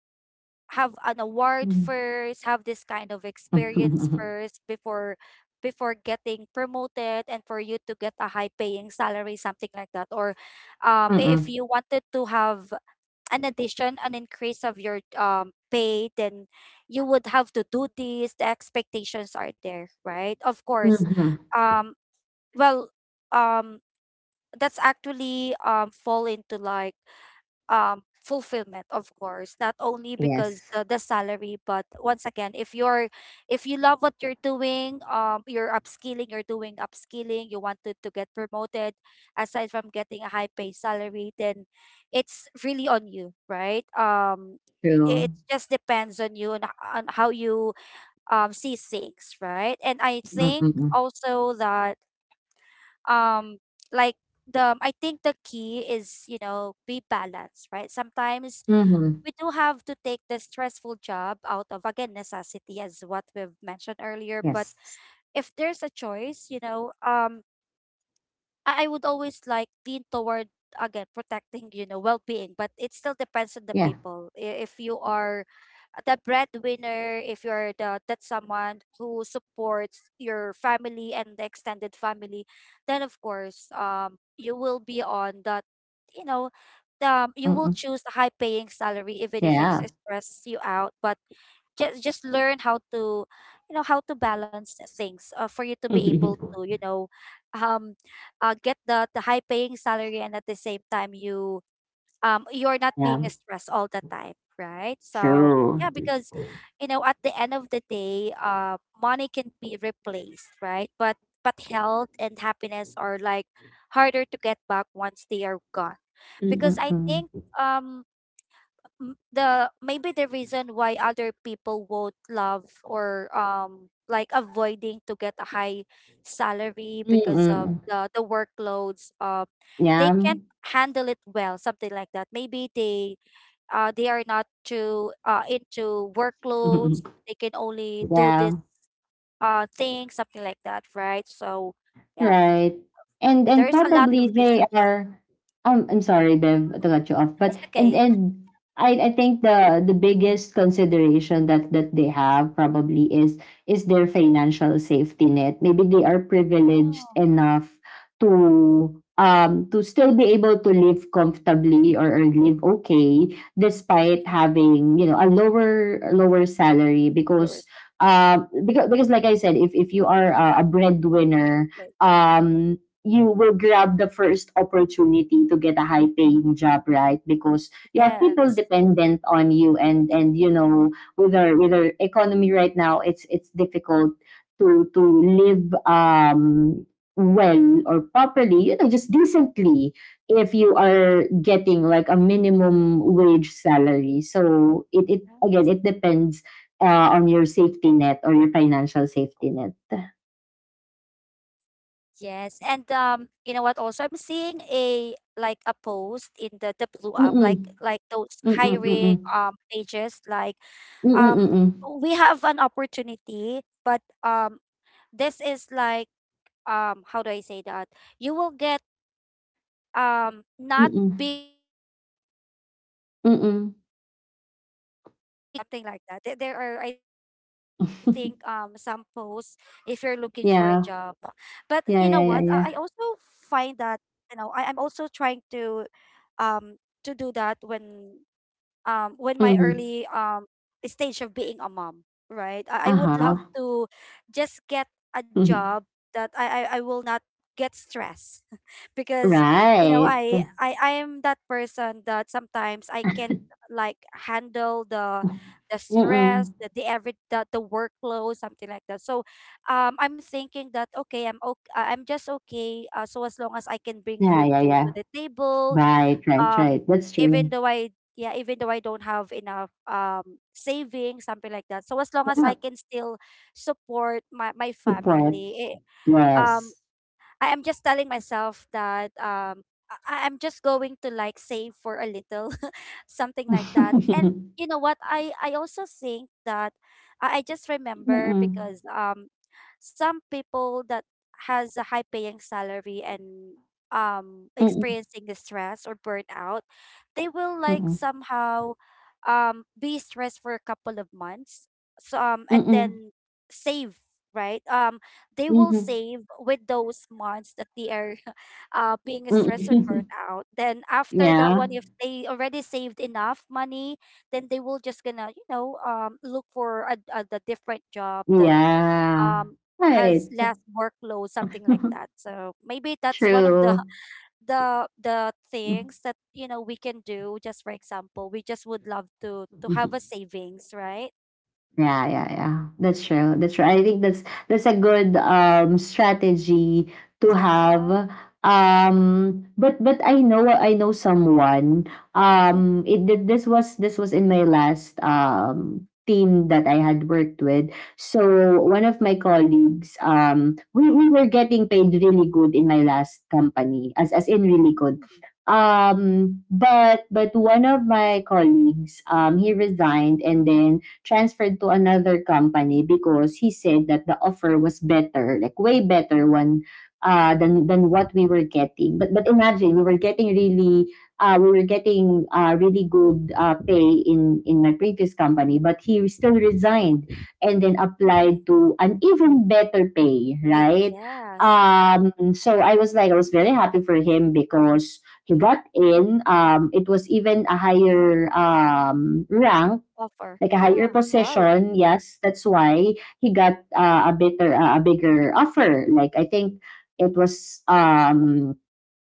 Speaker 1: have an award
Speaker 2: Mm.
Speaker 1: first, have this kind of experience
Speaker 2: Mm-mm.
Speaker 1: first before getting promoted and for you to get a high paying salary, something like that. Or if
Speaker 2: Mm.
Speaker 1: you wanted to have an addition, an increase of your pay, then you would have to do this. The expectations are there, right? Of course.
Speaker 2: Mhm.
Speaker 1: Um, well, um, that's actually fall into like fulfillment, of course, not only because
Speaker 2: Yes.
Speaker 1: the salary, but once again, if you love what you're doing, um, you're upskilling, you're doing upskilling, you wanted to get promoted aside from getting a high pay salary, then it's really on you, right? Um, it
Speaker 2: True.
Speaker 1: just depends on you and on how you see things, right? And I think
Speaker 2: Mm-mm.
Speaker 1: also that um like the I think the key is, you know, be balanced, right? Sometimes
Speaker 2: Mhm.
Speaker 1: we do have to take the stressful job out of, again, necessity, as what we've mentioned earlier, but
Speaker 2: Yes.
Speaker 1: if there's a choice, you know, um, I would always like lean toward, again, protecting, you know, well-being, but it still depends on the
Speaker 2: Yeah.
Speaker 1: people. If you are the breadwinner, if you're the that someone who supports your family and the extended family, then of course, um, you will be on that, you know, um, you will
Speaker 2: Mm-mm.
Speaker 1: choose the high paying salary even if it
Speaker 2: Yeah.
Speaker 1: stresses you out, but just learn how to, you know, how to balance the things for you to be able to, you know, um, get the high paying salary and at the same time you you're not being
Speaker 2: Yeah.
Speaker 1: stressed all the time, right? So yeah,
Speaker 2: True.
Speaker 1: because, you know, at the end of the day, uh, money can be replaced, right? But health and happiness are like harder to get back once they are gone. Because I think
Speaker 2: Mm-mm.
Speaker 1: um the maybe the reason why other people won't love or like avoiding to get a high salary because of
Speaker 2: Mm-mm.
Speaker 1: the workloads, um, they
Speaker 2: Yeah.
Speaker 1: can't handle it well, something like that. Maybe they are not too into workloads. They can only do this
Speaker 2: Yeah.
Speaker 1: thing, something like that, right? So yeah,
Speaker 2: Right. And
Speaker 1: there's a lot of
Speaker 2: probably they
Speaker 1: reasons.
Speaker 2: are I'm sorry, Bev, to cut you off. But
Speaker 1: It's okay.
Speaker 2: and I think the biggest consideration that they have probably is their financial safety net. Maybe they are privileged
Speaker 1: Yeah.
Speaker 2: enough to still be able to live comfortably or live okay despite
Speaker 1: Mm,
Speaker 2: having a lower salary
Speaker 1: there's
Speaker 2: because like I said if you are a breadwinner,
Speaker 1: like,
Speaker 2: you will grab the first opportunity to get a high paying job, right? Because you have people
Speaker 1: yes.
Speaker 2: dependent on you and with our economy right now, it's difficult to live, well or properly, you know, just decently if you are getting like a minimum wage salary. So it again, it depends on your safety net or your financial safety net.
Speaker 1: Yes, and you know what? Also, I'm seeing a like a post in the blue app, like
Speaker 2: Mm-mm.
Speaker 1: those
Speaker 2: Mm,
Speaker 1: hiring
Speaker 2: mm.
Speaker 1: pages, like
Speaker 2: Mm,
Speaker 1: um
Speaker 2: mm.
Speaker 1: we have an opportunity, but this is like um, how do I say that? You will get not
Speaker 2: Mm,
Speaker 1: big salary, not high paying salary, but
Speaker 2: mm.
Speaker 1: you will not be stressed, something like that. There are, I think, um, some posts if you're looking for a job. But you
Speaker 2: Yeah.
Speaker 1: know what, I
Speaker 2: Yeah,
Speaker 1: also
Speaker 2: yeah, yeah, yeah.
Speaker 1: find that, you know, I'm also trying um to do that when my
Speaker 2: Mhm.
Speaker 1: early stage of being a mom, right? I would love
Speaker 2: Uh-huh.
Speaker 1: to just get a job
Speaker 2: Mhm.
Speaker 1: that I will not get stressed, because, you know,
Speaker 2: Right.
Speaker 1: I am that person that sometimes I can't like handle the stress,
Speaker 2: Mm.
Speaker 1: the every the workload, something like that. So I'm thinking that, okay, I'm okay, I'm just okay, so as long as I can bring
Speaker 2: Yeah,
Speaker 1: food
Speaker 2: yeah,
Speaker 1: to
Speaker 2: yeah.
Speaker 1: the table,
Speaker 2: Right, right,
Speaker 1: um,
Speaker 2: right. That's
Speaker 1: even
Speaker 2: true.
Speaker 1: though I yeah, even though I don't have enough savings, something like that. So as long as I
Speaker 2: Yeah,
Speaker 1: can still support my
Speaker 2: good point.
Speaker 1: family, it, um,
Speaker 2: Yes.
Speaker 1: I am just telling myself that I am just going to like save for a little, something like that. And
Speaker 2: Mm-mm.
Speaker 1: you know what? I also think that I just remember because some people that has a high paying salary and
Speaker 2: Mm-mm.
Speaker 1: experiencing the stress or burnout, they will like
Speaker 2: Mm-mm.
Speaker 1: somehow be stressed for a couple of months. So and
Speaker 2: Mm-mm.
Speaker 1: then save, right? Um, they will
Speaker 2: Mhm.
Speaker 1: save with those months that they are being stressed or burnt
Speaker 2: Mm.
Speaker 1: out. Then after that
Speaker 2: Yeah.
Speaker 1: one, if they already saved enough money, then they will just gonna, you know, look for a, the different job that
Speaker 2: Yeah.
Speaker 1: um has less
Speaker 2: Right.
Speaker 1: workload, something like that. So maybe that's one of the
Speaker 2: True.
Speaker 1: the things that, you know, we can do. Just for example, we just would love to have a savings, right?
Speaker 2: Yeah, yeah, yeah. That's true. That's true. I think that's a good strategy to have.
Speaker 1: Yeah.
Speaker 2: But I know someone.
Speaker 1: Mm-hmm.
Speaker 2: It did this was in my last team that I had worked with. So one of my colleagues, we were getting paid really good in my last company. As in really good. But one of my colleagues he resigned and then transferred to another company because he said that the offer was better, like way better one than what we were getting. But imagine we were getting really we were getting really good pay in my previous company, but he still resigned and then
Speaker 1: Mm-hmm.
Speaker 2: applied to an even better pay, right?
Speaker 1: Yes.
Speaker 2: So I was like I was very happy for him because he got in. It was even a higher rank,
Speaker 1: Offer.
Speaker 2: like a higher
Speaker 1: Yeah. Wow.
Speaker 2: position. Yes, that's why he got a better, a bigger offer. Like I think it was um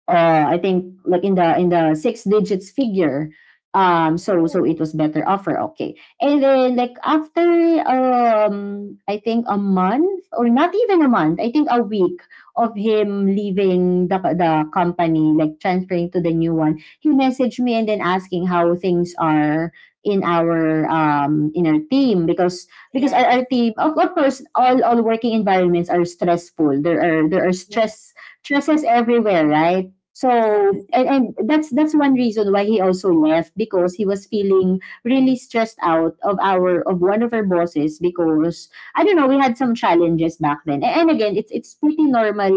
Speaker 2: uh, I think like in the six digits figure. So it
Speaker 1: Oh.
Speaker 2: was better offer, okay. And then like after I think a month or not even a month, I think a week of him leaving the company, like transferring to the new one, he messaged me and then asking how things are in our team because our,
Speaker 1: Yes.
Speaker 2: our team of course all working environments are stressful. There are
Speaker 1: Yes.
Speaker 2: stresses everywhere, right? So
Speaker 1: Yes.
Speaker 2: and that's one reason why he also left because he was feeling really stressed out of our of one of our bosses because I don't know we had some challenges back then and again it's pretty normal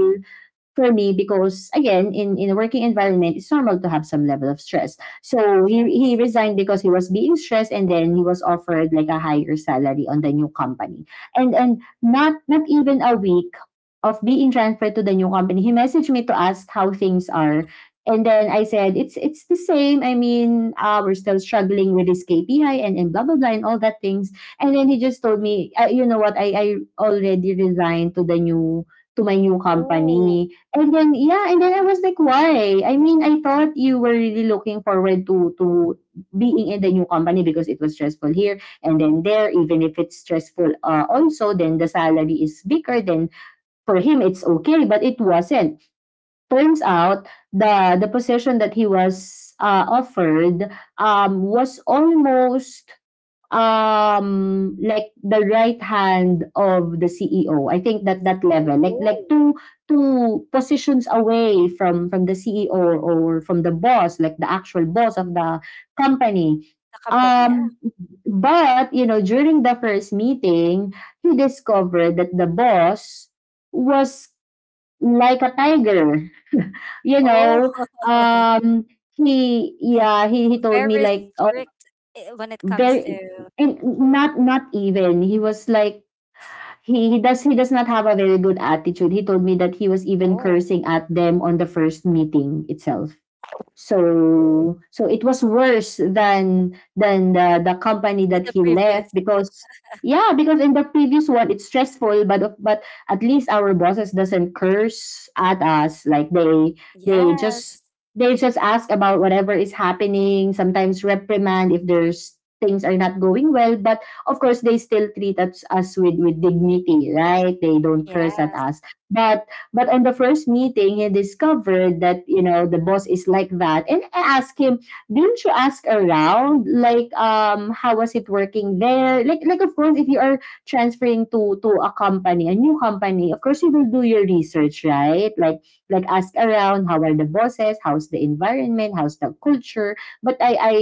Speaker 2: for me because again in a working environment it's normal to have some level of stress. So he
Speaker 1: Yes.
Speaker 2: resigned because he was being stressed and then he was offered like a higher salary on the new company and not not even a week of being transferred to the new company he messaged me to ask how things are, and then I said it's the same. I mean, we're still struggling with this kpi and, blah blah blah and all that things, and then he just told me, you know what, I already resigned to the new, to my new
Speaker 1: Oh,
Speaker 2: company. And then yeah, and then I
Speaker 1: yes.
Speaker 2: was like, "Why?" I mean, I thought you were really looking forward to being in the new company because it was stressful here, and then there, even if it's stressful also, then the salary is bigger, then for him it's okay, but it wasn't. Turns out the position that he was offered, was almost like the right hand of the CEO. I think that that
Speaker 1: Oh,
Speaker 2: level, like
Speaker 1: oh,
Speaker 2: like two positions away from the CEO, or from the boss, like the actual boss of the company.
Speaker 1: the company, yeah.
Speaker 2: Um, but you know, during the first meeting, he discovered that the boss was like a tiger. You
Speaker 1: Oh,
Speaker 2: know, um, he, yeah, he told me
Speaker 1: very
Speaker 2: like, oh,
Speaker 1: strict, eh, when it comes to
Speaker 2: very, and not even, he was like he, he does not have a very good attitude. He told me that he was even
Speaker 1: oh
Speaker 2: cursing at them on the first meeting itself. So it was worse than the company that
Speaker 1: the
Speaker 2: he
Speaker 1: previous.
Speaker 2: left because yeah, because in the previous one it's stressful, but at least our bosses doesn't curse at us like
Speaker 1: Yes.
Speaker 2: they just, ask about whatever is happening, sometimes reprimand if there's things are not going well, but of course they still treat us with dignity, right? They don't curse at
Speaker 1: Yes.
Speaker 2: us, but on the first meeting, he discovered that, you know, the boss is like that. And I asked him, didn't you ask around? Like, how was it working there? Like of course, if you are transferring to a company, a new company, of course you will do your research, right? Like ask around, how are the bosses? How's the environment? How's the culture? But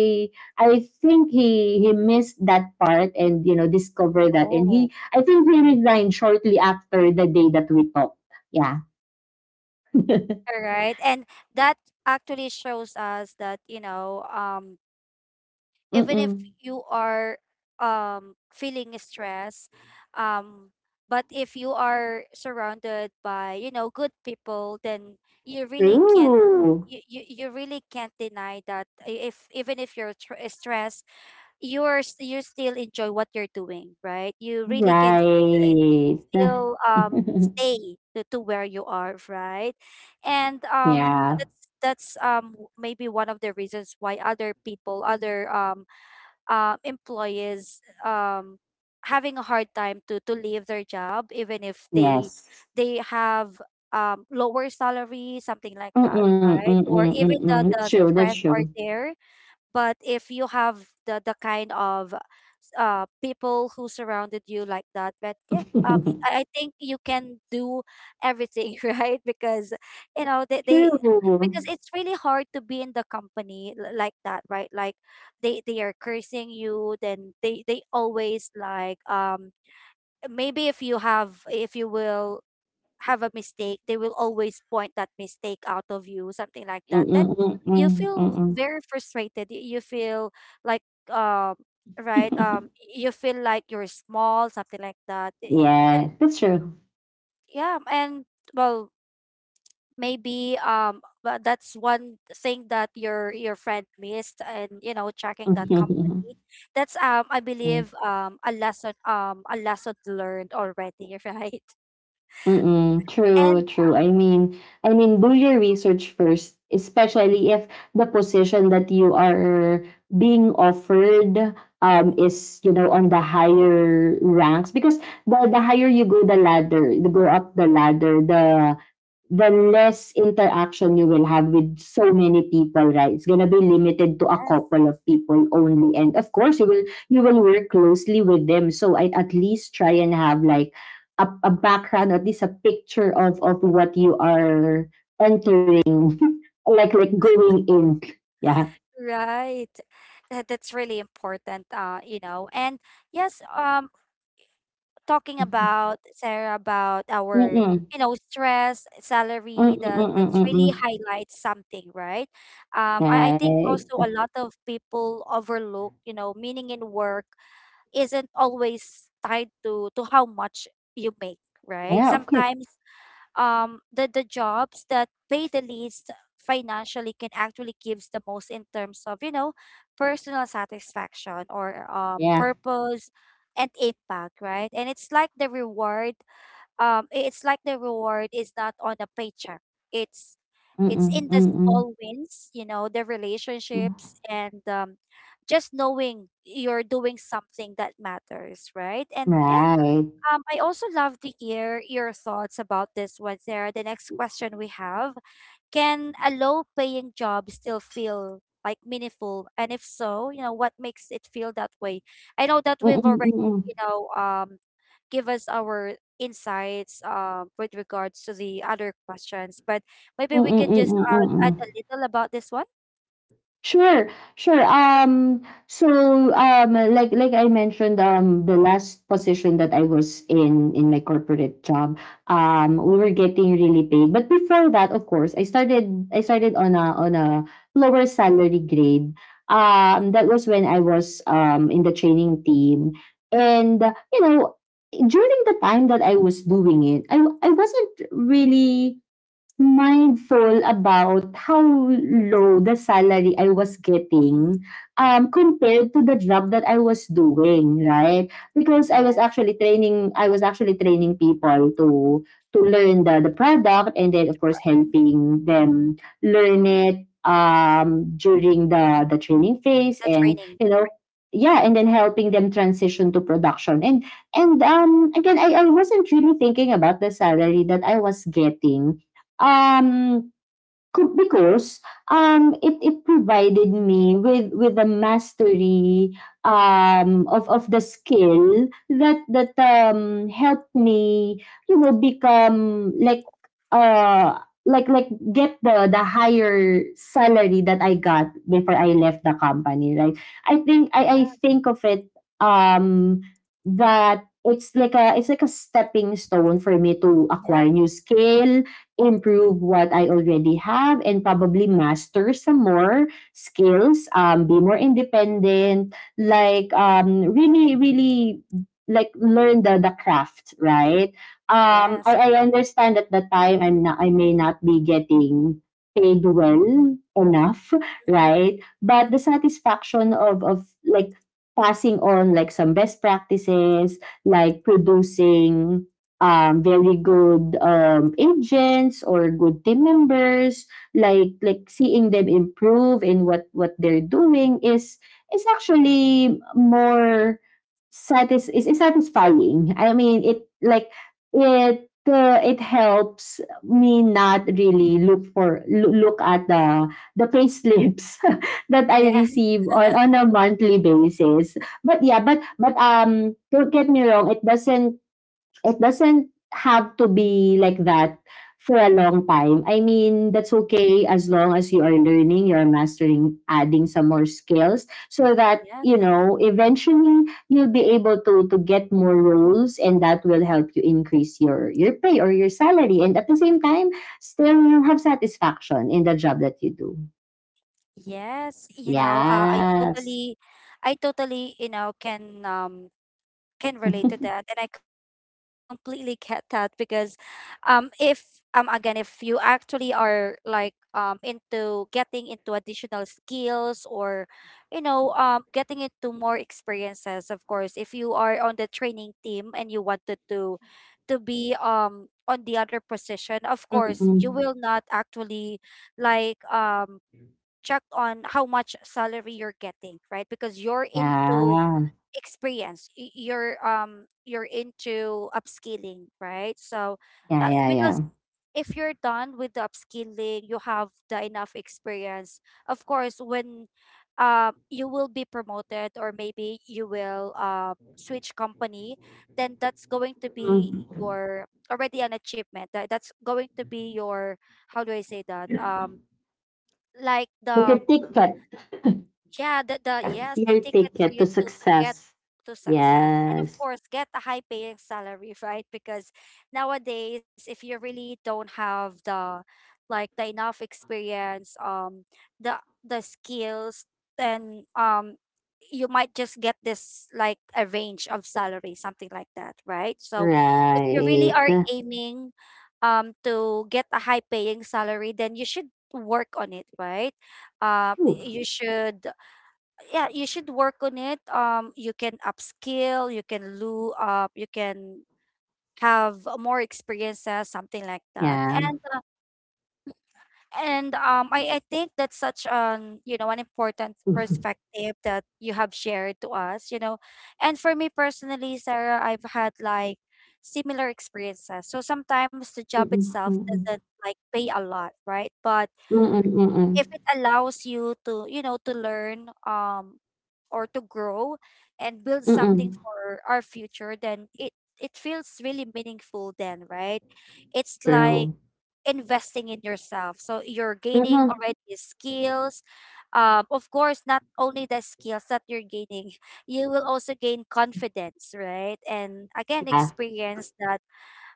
Speaker 2: I think he missed that part, and you know, discovered that, and
Speaker 1: Oh.
Speaker 2: he, I think he resigned shortly after the day that we talked. Yeah.
Speaker 1: All right. And that actually shows us that, you know, um, even if
Speaker 2: Mm.
Speaker 1: you are feeling stress um but if you are surrounded by, you know, good people, then you really can't
Speaker 2: True.
Speaker 1: you really can't deny that if even if you're stressed, you still enjoy what you're doing, right? You really can uh
Speaker 2: Right.
Speaker 1: still stay to where you are, right? And
Speaker 2: Yeah.
Speaker 1: that's maybe one of the reasons why other people, other um employees um having a hard time to leave their job even if they
Speaker 2: Yes.
Speaker 1: have um lower salary, something like that,
Speaker 2: Mm-mm,
Speaker 1: right? Or
Speaker 2: mm-mm,
Speaker 1: even
Speaker 2: mm-mm. That's
Speaker 1: the
Speaker 2: true. That's
Speaker 1: stress are
Speaker 2: true.
Speaker 1: there. But if you have the kind of people who surrounded you like that, but yeah, um, I think you can do everything right, because, you know, they because
Speaker 2: True.
Speaker 1: it's really hard to be in the company like that, right? Like they are cursing you, then they always like maybe if you have if you will have a mistake, they will always point that mistake out of you, something like that.
Speaker 2: Mm-mm,
Speaker 1: Then you
Speaker 2: mm-mm,
Speaker 1: feel
Speaker 2: mm-mm.
Speaker 1: very frustrated. You feel like um right you feel like you're small, something like that. Eh,
Speaker 2: Yeah,
Speaker 1: and-
Speaker 2: that's true.
Speaker 1: yeah, and well, maybe but that's one thing that your friend missed, and, you know, tracking that company, that's um, I believe, um, a lesson learned already, right?
Speaker 2: Mm, true,
Speaker 1: And
Speaker 2: true. I mean, do your research first, especially if the position that you are being offered is, you know, on the higher ranks, because the higher you go the ladder, you go up the ladder, the less interaction you will have with so many people, right? It's gonna be limited to a
Speaker 1: yes.
Speaker 2: couple of people only. And of course you will work closely with them. So I, at least try and have like a background, at least a picture of what you are entering, like going in. Yeah.
Speaker 1: Right. That, that's really important, you know. And yes, talking
Speaker 2: Mm-mm.
Speaker 1: about Sarah about our,
Speaker 2: Mm-mm,
Speaker 1: you know, stress, salary, that
Speaker 2: mm-mm,
Speaker 1: that's
Speaker 2: mm-mm.
Speaker 1: really highlights something, right? I think
Speaker 2: Right.
Speaker 1: also a lot of people overlook, you know, meaning in work isn't always tied to how much you make, right?
Speaker 2: Yeah, of course.
Speaker 1: Sometimes the jobs that pay the least financially can actually gives the most in terms of, you know, personal satisfaction or
Speaker 2: Yeah.
Speaker 1: purpose and impact, right? And it's like the reward it's like the reward is not on a paycheck. it's it's
Speaker 2: Mm-mm,
Speaker 1: in the
Speaker 2: mm-mm.
Speaker 1: small wins, you know, the relationships, and just knowing you're doing something that matters, right? And yeah,
Speaker 2: Right.
Speaker 1: I also love to hear your thoughts about this one, Sarah. The next question we have: can a low paying job still feel like meaningful? And if so, you know, what makes it feel that way? I know that we've
Speaker 2: Mm-mm,
Speaker 1: already, you
Speaker 2: mm-mm.
Speaker 1: know, give us our insights um with regards to the other questions, but maybe
Speaker 2: Mm,
Speaker 1: we can
Speaker 2: mm,
Speaker 1: just uh
Speaker 2: mm.
Speaker 1: add a little about this one.
Speaker 2: Sure, sure. Like I mentioned, the last position that I was in my corporate job, we were getting really paid. But before that, of course, I started on a lower salary grade. That was when I was in the training team, and you know, during the time that I was doing it, I wasn't really mindful about how low the salary I was
Speaker 1: Mhm.
Speaker 2: getting, compared to the job that I was doing, right? Because I was
Speaker 1: Yes,
Speaker 2: actually training, I was actually training people to learn the product, and then of course helping them learn it during the training phase,
Speaker 1: the
Speaker 2: and
Speaker 1: training.
Speaker 2: you know, yeah, and then helping them transition to production. And again, I wasn't really thinking about the salary that I was getting. Um, co because, it it provided me with a mastery, of the skill that helped me, you know, become like, like get the higher salary that I got before I left the company, right? I think of it, um, that it's like a, it's like a stepping stone for me to
Speaker 1: Yep.
Speaker 2: acquire new skill, improve what I already have, and probably master some more skills, be more independent, like, really, really like learn the craft, right?
Speaker 1: Yes.
Speaker 2: I understand at the time I may not be getting paid well enough,
Speaker 1: Mhm.
Speaker 2: right? But the satisfaction of like passing on like some best practices, like producing, very good, agents or good team members, like seeing them improve in what they're doing, is actually more is satisfying. I mean, it like it it helps me not really look for look at the pay slips that I
Speaker 1: Yes.
Speaker 2: receive on a monthly basis. But yeah, but don't get me wrong, it doesn't, it doesn't have to be like that for a long time. I mean, that's okay as long as you are learning, you're mastering, adding some more skills, so that,
Speaker 1: Yes.
Speaker 2: you know, eventually you'll be able to get more roles, and that will help you increase your pay or your salary, and at the same time still you have satisfaction in the job that you do.
Speaker 1: Yes, you know,
Speaker 2: Yes.
Speaker 1: I totally, you know, can relate to that, and I completely get that because, if again, if you actually are like into getting into additional skills or, you know, getting into more experiences, of course, if you are on the training team and you wanted to be on the other position, of course, you
Speaker 2: Mm-mm.
Speaker 1: will not actually like check on how much salary you're getting, right? Because you're into
Speaker 2: Yeah.
Speaker 1: experience, you're into upskilling, right? So
Speaker 2: Yeah, yeah,
Speaker 1: because
Speaker 2: yeah.
Speaker 1: if you're done with the upskilling, you have the enough experience. Of course, when uh you will be promoted, or maybe you will uh switch company, then that's going to be
Speaker 2: Mm-mm.
Speaker 1: your already an achievement. That, that's going to be your, how do I say that? Like
Speaker 2: Look
Speaker 1: the
Speaker 2: at TikTok.
Speaker 1: yeah, the
Speaker 2: Yes,
Speaker 1: yes, the
Speaker 2: your
Speaker 1: ticket for
Speaker 2: ticket
Speaker 1: you
Speaker 2: to
Speaker 1: to get
Speaker 2: success.
Speaker 1: to success. And of
Speaker 2: Yes.
Speaker 1: course, get a high paying salary, right? Because nowadays, if you really don't have the enough experience, the the skills, then you might just get this like a range of salary, something like that, right? So if you really
Speaker 2: Right.
Speaker 1: are aiming to get a high paying salary, then you should work on it, right? uh,
Speaker 2: Ooh,
Speaker 1: you should, yeah, you should work on it. You can upskill, you can loo up, you can have more experiences, something like that.
Speaker 2: yeah.
Speaker 1: And I think that's such an, you know, an important perspective that you have shared to us, you know. And for me personally, Sarah, I've had like similar experiences, so sometimes the job
Speaker 2: Mm-mm,
Speaker 1: itself
Speaker 2: mm-mm,
Speaker 1: doesn't like pay a lot, right? But if it allows you to, you know, to learn, or to grow and build something
Speaker 2: mm-mm,
Speaker 1: for our future, then it feels really meaningful then, right? It's
Speaker 2: mm-mm, mm-mm.
Speaker 1: like
Speaker 2: True.
Speaker 1: investing in yourself, so you're gaining
Speaker 2: Mm-hmm.
Speaker 1: already skills. Of course, not only the skills that you're gaining, you will also gain confidence, right? And again,
Speaker 2: Yeah.
Speaker 1: experience that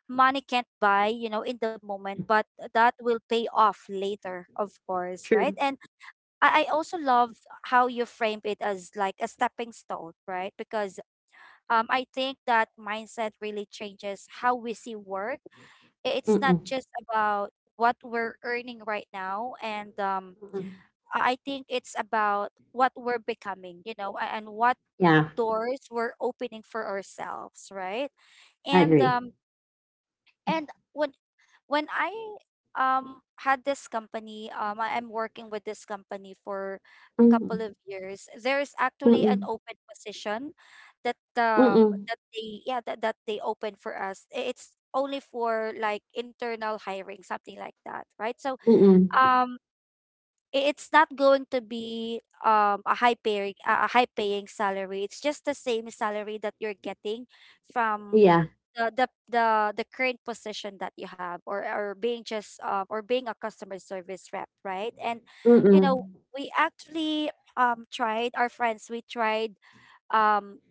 Speaker 1: money can't buy, you know, in the moment, but that will pay off later, of course, right?
Speaker 2: True.
Speaker 1: And I also love how you framed it as like a stepping stone, right? Because I think that mindset really changes how we see work. It's not
Speaker 2: Mm-mm,
Speaker 1: just about what we're earning right now, and
Speaker 2: mm-mm.
Speaker 1: I think it's about what we're becoming, you know, and what
Speaker 2: Yeah.
Speaker 1: doors we're opening for ourselves, right?
Speaker 2: I
Speaker 1: And
Speaker 2: agree.
Speaker 1: um, and when when I had this company, I am working with this company for a
Speaker 2: Mm-mm,
Speaker 1: couple of years. There is actually
Speaker 2: mm-mm,
Speaker 1: an open position that
Speaker 2: mm-mm,
Speaker 1: they open for us. It's only for like internal hiring, something like that, right? So
Speaker 2: mm-mm.
Speaker 1: um it's not going to be a high paying salary. It's just the same salary that you're getting from
Speaker 2: Yeah.
Speaker 1: the the the, the current position that you have, or being just or being a customer service rep, right? And you know,
Speaker 2: Mm-mm.
Speaker 1: we actually tried our friends, we tried, um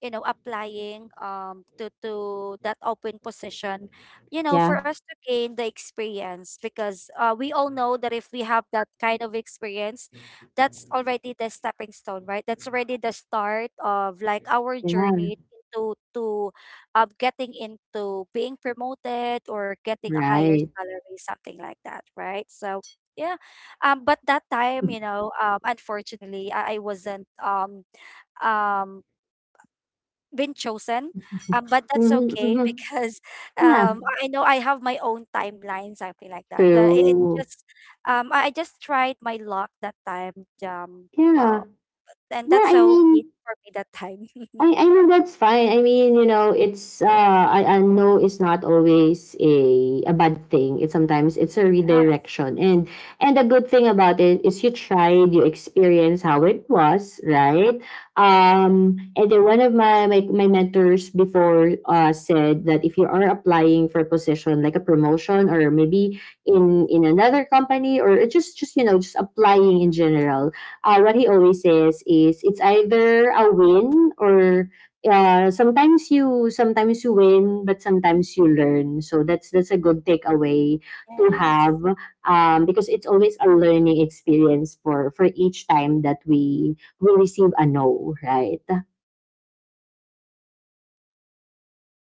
Speaker 1: you know, applying to that open position, you know, for
Speaker 2: Yeah.
Speaker 1: us to gain the experience. Because we all know that if we have that kind of experience, that's already the stepping stone, right? That's already the start of like our
Speaker 2: Yeah.
Speaker 1: journey to getting into being promoted or getting a higher
Speaker 2: Right.
Speaker 1: salary, something like that, right? So yeah. But that time, you know, unfortunately, I wasn't um been chosen. But that's
Speaker 2: Mm-hmm,
Speaker 1: okay,
Speaker 2: mm-hmm.
Speaker 1: because
Speaker 2: Yeah.
Speaker 1: I know I have my own timeline, something like that. It's
Speaker 2: True.
Speaker 1: just, I just tried my luck that time. Um,
Speaker 2: Yeah.
Speaker 1: wow, and
Speaker 2: Yeah.
Speaker 1: that's
Speaker 2: I
Speaker 1: so okay
Speaker 2: mean,
Speaker 1: for me that time. Yeah.
Speaker 2: I know that's fine. I mean, you know, it's I know it's not always a bad thing. It's sometimes it's a redirection. And the good thing about it is you tried, you experienced how it was, right? And then one of my my mentors before said that if you are applying for a position like a promotion, or maybe in another company, or just you know just applying in general, what he always says is it's either a win or, sometimes you win but sometimes you learn. So that's a good takeaway
Speaker 1: Yes.
Speaker 2: to have, because it's always a learning experience for each time that we receive a no, right?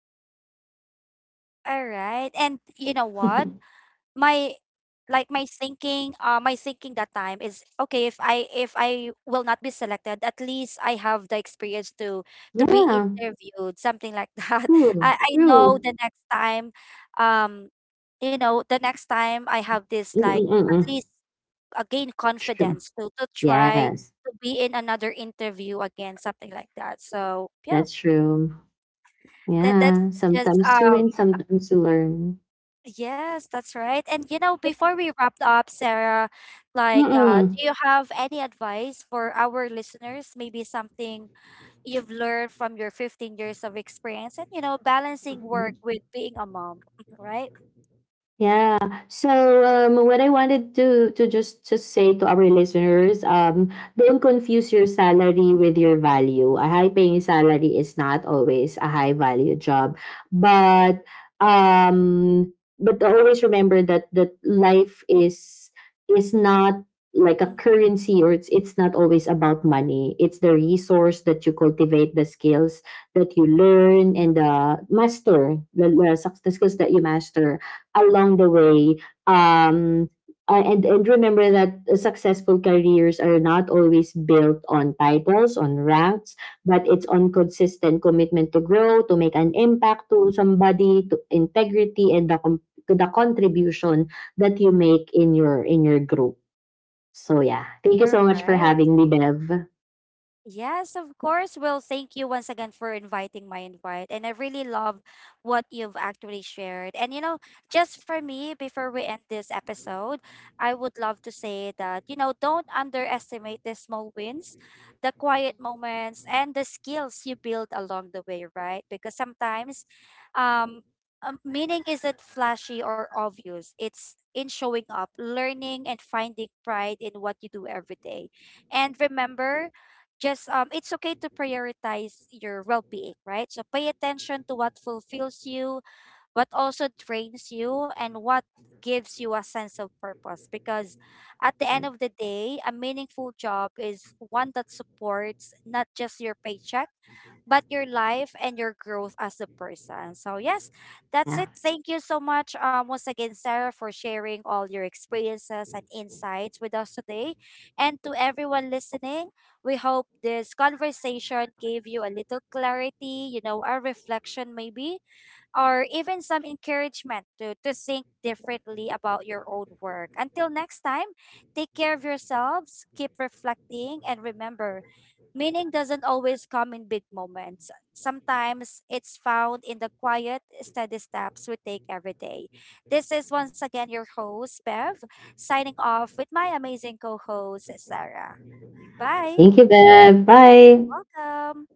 Speaker 1: All right. And you know what? My my thinking that time is, okay, if i, if I will not be selected, at least I have the experience to be
Speaker 2: Yeah.
Speaker 1: interviewed, something like that.
Speaker 2: Hmm.
Speaker 1: I know
Speaker 2: True.
Speaker 1: the next time, um you know, the next time I have this like, at
Speaker 2: Mm-mm-mm.
Speaker 1: least gain
Speaker 2: True.
Speaker 1: confidence to try
Speaker 2: Yes.
Speaker 1: to be in another interview again, something like that. So yeah,
Speaker 2: That's true.
Speaker 1: that that's
Speaker 2: Yeah,
Speaker 1: just
Speaker 2: sometimes you
Speaker 1: um
Speaker 2: win, sometimes you learn.
Speaker 1: yes, that's right. And you know, before we wrap up, Sarah, like,
Speaker 2: Mm-mm.
Speaker 1: do you have any advice for our listeners? Maybe something you've learned from your 15 years of experience and, you know, balancing work with being a mom, right?
Speaker 2: Yeah. So, what I wanted to just to say to our listeners, don't confuse your salary with your value. A high paying salary is not always a high value job, but, always remember that life is not like a
Speaker 1: Mhm,
Speaker 2: currency, or it's not always about money. It's the resource that you cultivate, the skills that you learn, and the master, the skills that you master along the way. Um, and remember that successful careers are not always built on titles, on ranks, but it's
Speaker 1: mhm.
Speaker 2: on consistent commitment to grow, to make an impact to somebody, to integrity, and the contribution that you make in your group. So yeah, thank you
Speaker 1: All
Speaker 2: so much for
Speaker 1: right.
Speaker 2: having me, Bev.
Speaker 1: Yes, of course. Well, thank you once again for inviting my invite. And I really love what you've actually shared. And, you know, just for me, before we end this episode, I would love to say that, you know, don't underestimate the small wins, the quiet moments, and the skills you build along the way, right? Because sometimes, um, meaning isn't flashy or obvious, it's in showing up, learning, and finding pride in what you do every day. And remember, just it's okay to prioritize your well-being, right? So pay attention to what fulfills you, what also drains you, and what gives you a sense of purpose. Because at the end
Speaker 2: Right.
Speaker 1: of the day, a meaningful job is one that supports not just your paycheck, but your life and your growth as a person. So yes, that's
Speaker 2: Yeah.
Speaker 1: it. Thank you so much, once again, Sarah, for sharing all your experiences and insights with us today. And to everyone listening, we hope this conversation gave you a little clarity, you know, a reflection maybe, or even some encouragement to, think differently about your own work. Until next time, take care of yourselves, keep reflecting, and remember, meaning doesn't always come in big moments. Sometimes it's found in the quiet, steady steps we take every day. This is once again your host, Bev, signing off with my amazing co host, Sarah. Bye.
Speaker 2: Thank you, Bev. Bye.
Speaker 1: Welcome.